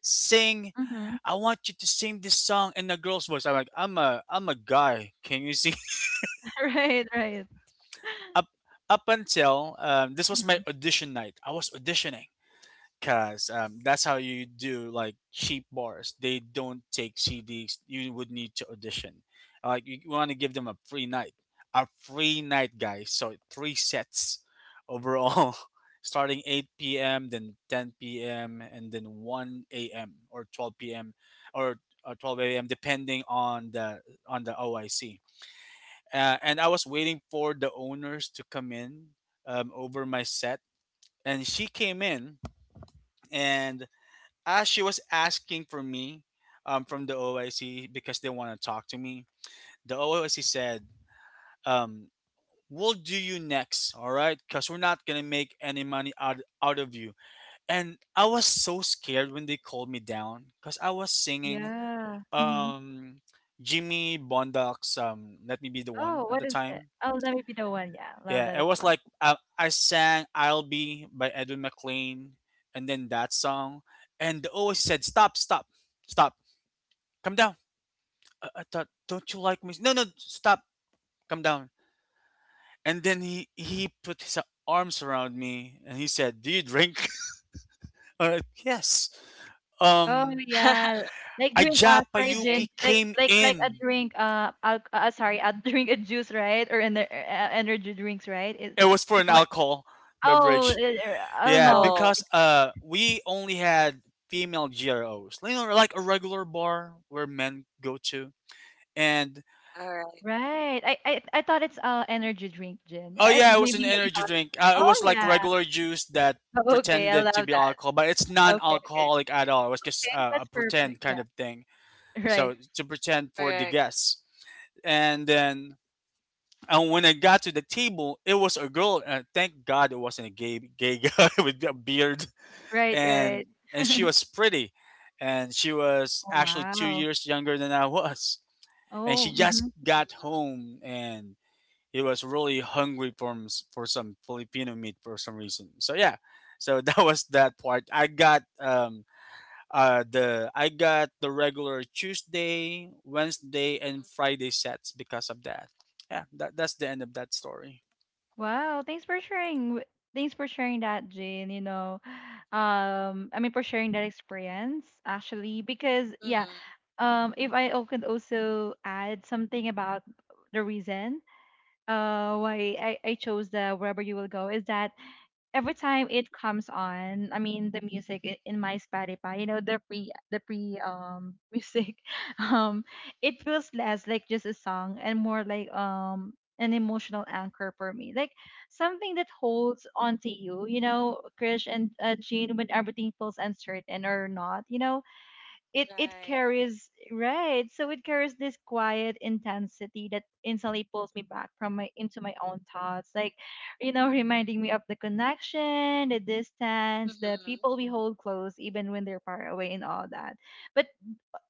"Sing,
Mm-hmm.
I want you to sing this song in a girl's voice." I'm like, "I'm a guy. Can you sing?"
Right. Right.
up up until, this was my
Mhm.
audition night. I was auditioning. Cause that's how you do like cheap bars. They don't take CDs. You would need to audition. Like, you want to give them a free night, guys. So three sets overall, starting 8 p.m., then 10 p.m., and then 1 a.m. or 12 p.m., or 12 a.m., depending on the OIC. And I was waiting for the owners to come in over my set, and she came in, and as she was asking for me from the OIC because they want to talk to me, the OIC said, um, "We'll do you next, all right? Because we're not going to make any money out of you." And I was so scared when they called me down, because I was singing
Yeah. Mm-hmm.
um, Jimmy Bondock's "Let Me Be the
Oh,
One" at
what
the
is it?
time.
Oh, Let Me Be the One. Yeah, love
Yeah,
that
it
as
was
well.
like I sang "I'll Be" by Edwin McLean, and then that song. And the OIC said, "Stop, stop, stop, come down." I thought, don't you like me? No, no, stop, come down. And then he put his arms around me and he said, "Do you drink?" I like, yes.
Oh
Um,
yeah, like drink.
Aja
Sorry,
Right.
gin.
Payuki came
Like a
in.
drink. Sorry, a drink, a juice, right? Or energy drinks, right? Is
It was for
you
an
know what?
alcohol
Oh, uh,
beverage.
oh,
Yeah,
no,
Oh,
because we only had female GROs, you know, like a regular bar where men go to, and
all right.
right. I I thought it's energy drink gin.
oh
I,
yeah, it was
maybe
an
you
energy
thought.
drink. It was
Oh
like
yeah.
regular juice that
Okay, I
pretended to
love
be
that.
alcohol, but it's
Okay, okay,
non-alcoholic at all. It was just
okay.
a
That's perfect.
pretend kind
Yeah.
of thing.
Right.
So to pretend for the
Correct.
guests, and then and when I got to the table, it was a girl. And thank God it wasn't a gay guy with a beard,
Right.
and
Right.
and she was pretty, and she was
Oh
actually two
wow.
years younger than I was, and she
Oh. Mm-hmm.
just got
Mm-hmm.
home and he was really hungry for for some Filipino meat for some reason. So yeah, so that was that part. I got the I got the regular Tuesday, Wednesday, and Friday sets because of that. Yeah, that's the end of that story.
Wow, thanks for sharing. Thanks for sharing that, Jane. For sharing that experience, actually, because yeah,
Mm-hmm.
if I could also add something about the reason, why I chose the Wherever You Will Go is that, every time it comes on, I mean the music in my Spotify, you know the pre music, um it feels less like just a song and more like an emotional anchor for me, like something that holds on to you, you know, Krish and Jean, when everything feels uncertain or not, you know, it
Right.
carries, right, so it carries this quiet intensity that instantly pulls me back from my into my own thoughts, like you know, reminding me of the connection, the distance, the
Mm-hmm.
people we hold close even when they're far away and all that. But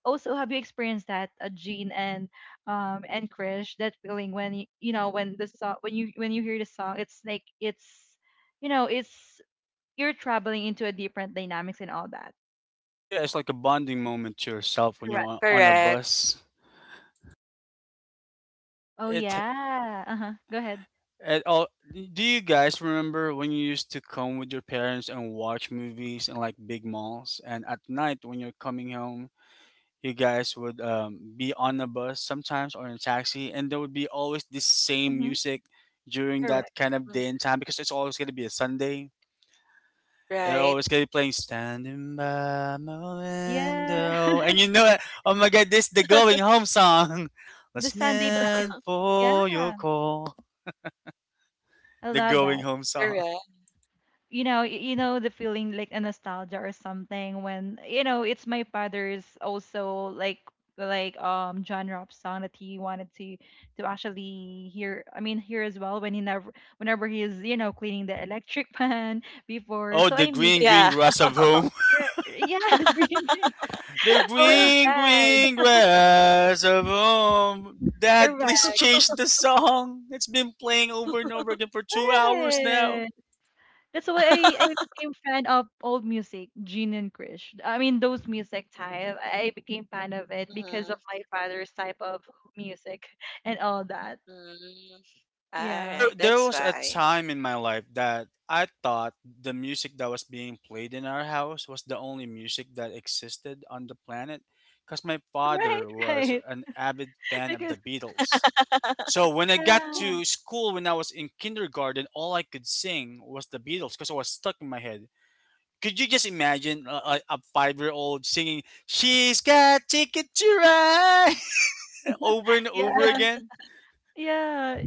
also, have you experienced that, Jean and Krish, that feeling when you know, when the song, when you, when you hear the song, it's like it's, you know, it's you're traveling into a different dynamics and all that.
Yeah, it's like a bonding moment to yourself when you're on a
Correct.
bus.
Oh,
It
yeah. Uh-huh. Go ahead.
at all. Do you guys remember when you used to come with your parents and watch movies in like big malls, and at night when you're coming home, you guys would be on a bus sometimes or in a taxi, and there would be always this same
Mhm.
music during that
Correct.
kind of
Mhm.
day and time because it's always going to be a Sunday. They're
Right.
always going to be playing "Standing by My
Yeah.
Window," and you know it. Oh my God, this is the going home song.
The Sunday vibes.
Listening
Yeah.
for your call,
I
the
love
going
that.
home song.
Correct.
You know the feeling, like a nostalgia or something, when you know, it's my father's also like genre of song that he wanted to actually hear, I mean hear as well, when he never, whenever he is, you know, cleaning the electric pan before,
Oh,
so
the
I miss
green green
Yeah.
grass of home.
yeah the green.
The
Oh my
green,
god.
green grass of home. Dad, please
Correct.
change the song. It's been playing over and over again for 2 hours now.
Right. That's why I became fan of old music, Gene and Krish. I mean, those music type. I became fan of it because of
Mhm.
my father's type of music and all that.
Mm,
Yeah.
There,
alright,
there
that's
was a
why.
time in my life that I thought the music that was being played in our house was the only music that existed on the planet because my
Right,
father was
right.
an avid fan of the
Because
Beatles. So when I got
yeah,
to school when I was in kindergarten, all I could sing was the Beatles because it was stuck in my head. Could you just imagine a 5 year old singing, she's got ticket to ride over and
yeah,
over again?
yeah.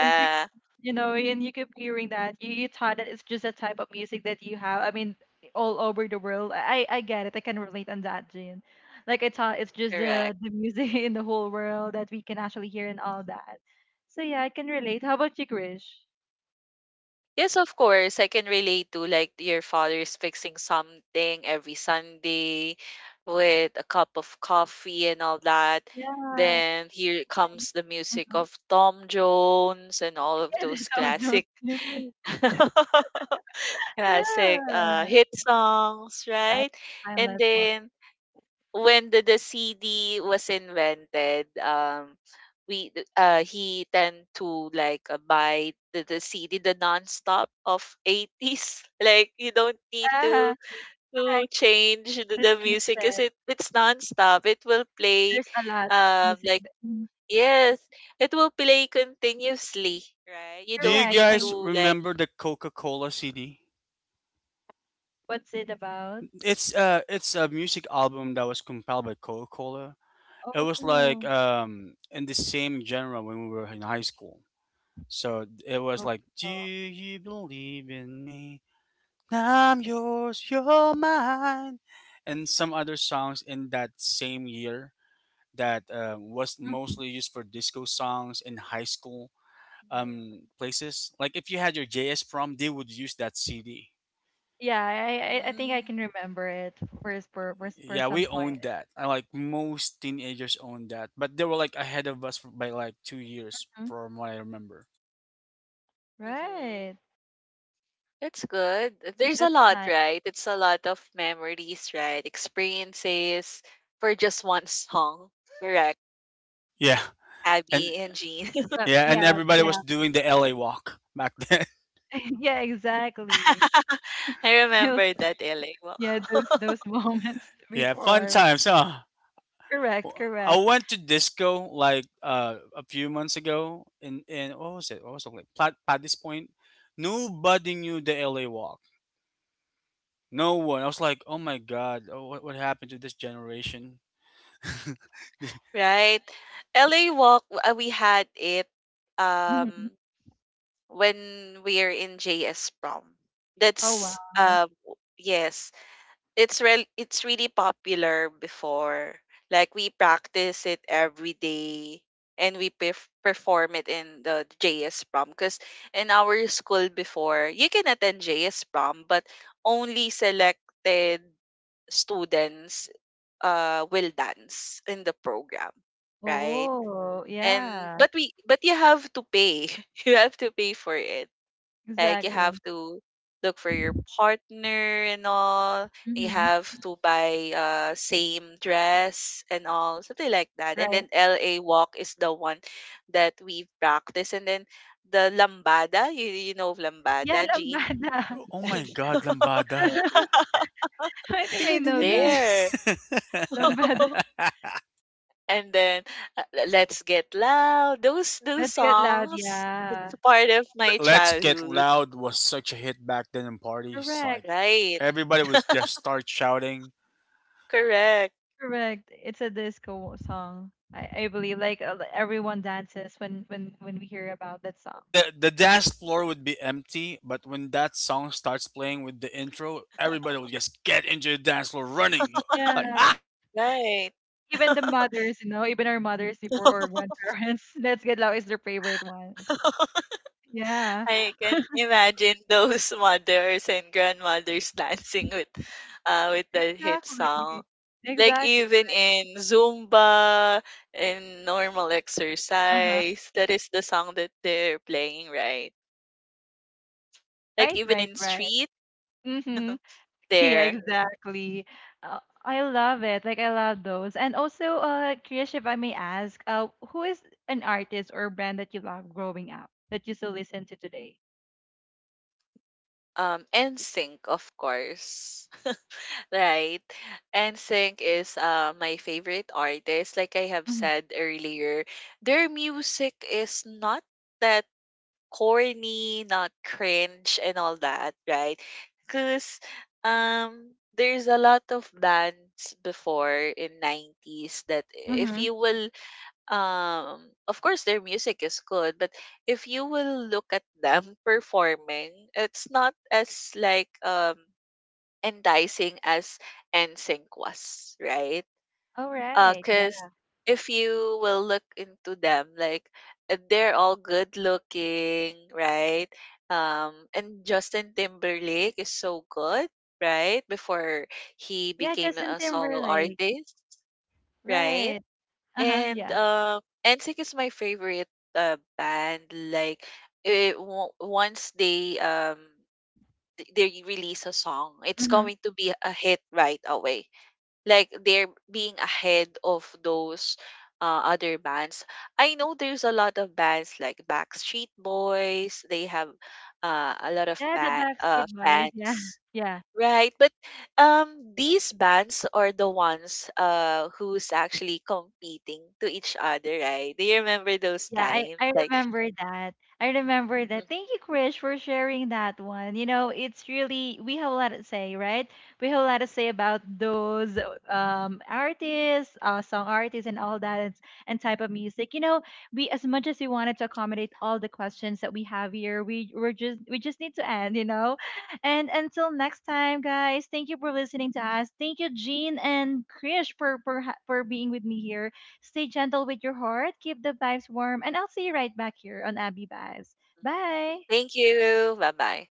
And keep, you know, and you keep hearing that, you thought that it's just a type of music that you have, I mean, all over the world. I get it, I can relate on that, Jane. Like I thought it's just the
correct.
the music in the whole world that we can actually hear and all that. So yeah, I can relate. How about you, Krish?
Yes, of course, I can relate to, like, your father's fixing something every Sunday with a cup of coffee and all that.
Yeah.
Then here
um,
comes the music
mhm.
of Tom Jones and all of
Yeah, the
those
Tom Jones
classic
music.
classic,
Yeah.
hit songs,
Yeah,
right? And
timeless one.
then when the CD was invented, we he tend to, like, buy the CD, the nonstop of 80s. Like, you don't need to
Uh-huh. Correct.
change the,
To
the
change
music because
it,
it's nonstop. It will play,
there's a lot of music
like,
that, mhm,
yes, it will play continuously. Right, you
Do you
don't
correct.
need
guys
to, like.
remember the Coca Cola CD?
What's it about?
It's it's a music album that was compiled by Coca Cola. It
Oh
was like
no.
in the same genre when we were in high school. So it was like, do
Gobito.
you believe in me? I'm yours, you're mine, and some other songs in that same year that was
Mhm.
mostly used for disco songs in high school places. Like if you had your JS prom, they would use that CD.
Yeah, I, I think I can remember it for for for
Yeah,
some
we
point.
owned that. I like most teenagers owned that, but they were like ahead of us by like 2 years,
Mhm.
from what I remember.
Mm-hmm.
Right.
That's good. There's a
That's
lot,
nice.
right? It's a lot of memories, right? Experiences for just one song. Correct.
Yeah, and
Abby and Jean.
Yep.
yeah, and
Yeah.
everybody was
Yeah.
doing the LA walk back then.
Yeah. Exactly.
I remember that LA walk.
Yeah. Those moments
Yeah, fun
before.
times, huh?
Correct.
I
Correct.
went to disco like a few months ago in what was it? What was it like? Plat Paddy's Point. Nobody knew the LA Walk. No one. I was like, oh my god, oh, what happened to this generation?
Right? LA walk, we had it
Mhm.
um when we are in JS prom.
Oh wow.
Yes, it's really popular before. Like, we practice it every day and we perform it in the JS prom, because in our school before you can attend JS prom, but only selected students will dance in the program, right?
Oh
And
yeah.
but we but you have to pay. You have to pay for it. Like, you have
Exactly.
to look for your partner and all. You
Hmm.
have to buy same dress and all, something like that. And
Right.
then LA walk is the one that we practice. And then the lambada, you know of
Yeah.
lambada, Jean?
Lambada.
Oh my god, lambada.
I think I
Ding
know
ding ding.
that.
There.
Lambada.
and then let's get loud. Those
Let's get loud.
songs.
Yeah.
It's part of my
Let's Get
childhood.
Loud was such a hit back then in parties. Like
Correct.
Right.
everybody was just start shouting.
Correct.
Correct. It's a disco song. I believe, like, everyone dances when when we hear about that song.
The dance floor would be empty, but when that song starts playing with the intro, everybody will just get into the dance floor running, like
Yeah.
ah,
Right.
Even the
dance.
mothers, you know, even our mothers before, or grandparents. Let's get loud is their favorite one. Yeah.
I can imagine those mothers and grandmothers dancing with the hit song.
Exactly.
Like,
Exactly.
even in Zumba and normal
Uh-huh.
exercise, that is the song that they're playing, right? Like,
Right,
even
right,
in
right.
street,
Mm-hmm. Yeah,
there,
exactly. I love it. Like, I love those. And also, Krish, if I may ask, who is an artist or brand that you love growing up that you still listen to today?
NSYNC, of course. Right? NSYNC is my favorite artist. Like I have
Mhm,
said earlier, their music is not that
Hello.
corny, not cringe, and all that, right? Because, there's a lot of bands before in 90s that, if
mhm.
you will, um, of course, their music is good, but if you will look at them performing,
Yeah.
it's not as, like, enticing as NSYNC was, right?
Backstreet
Oh,
was really
right,
good,
yeah.
right?
Cause if you will look into them, like, they're all good looking, right? And Justin Timberlake is so good, right? Before he
Yeah,
became
Justin
a solo
Timberlake.
artist, right?
Right. Uh-huh,
And,
yeah.
NSYNC is my favorite band. Like, once they they release a song, it's
Mhm.
going to be a hit right away, like they're being ahead of those other bands. I know there's a lot of bands like Backstreet Boys. They have, a lot of
Yeah, the Backstreet Boys. Yeah.
fans,
Yeah.
right? But, these bands are the ones, who's actually competing to each other, right? Do you remember those
Yeah,
times?
I
Like,
remember that. I remember
mm,
that. Thank you, Krish, for sharing that one. You know, it's really, we have a lot to say, right? We have a lot to say about those artists, song artists, and all that, and type of music. You know, we as much as we wanted to accommodate all the questions that we have here, we just need to end. You know, and until next time, guys. Thank you for listening to us. Thank you, Jean and Krish, for
You're
for
welcome.
being with me
We'll see
here.
you guys next
Stay
time.
gentle with your heart, keep the vibes warm, and I'll see you right back here on Abby Vibes.
mm,
Bye.
thank you, bye bye.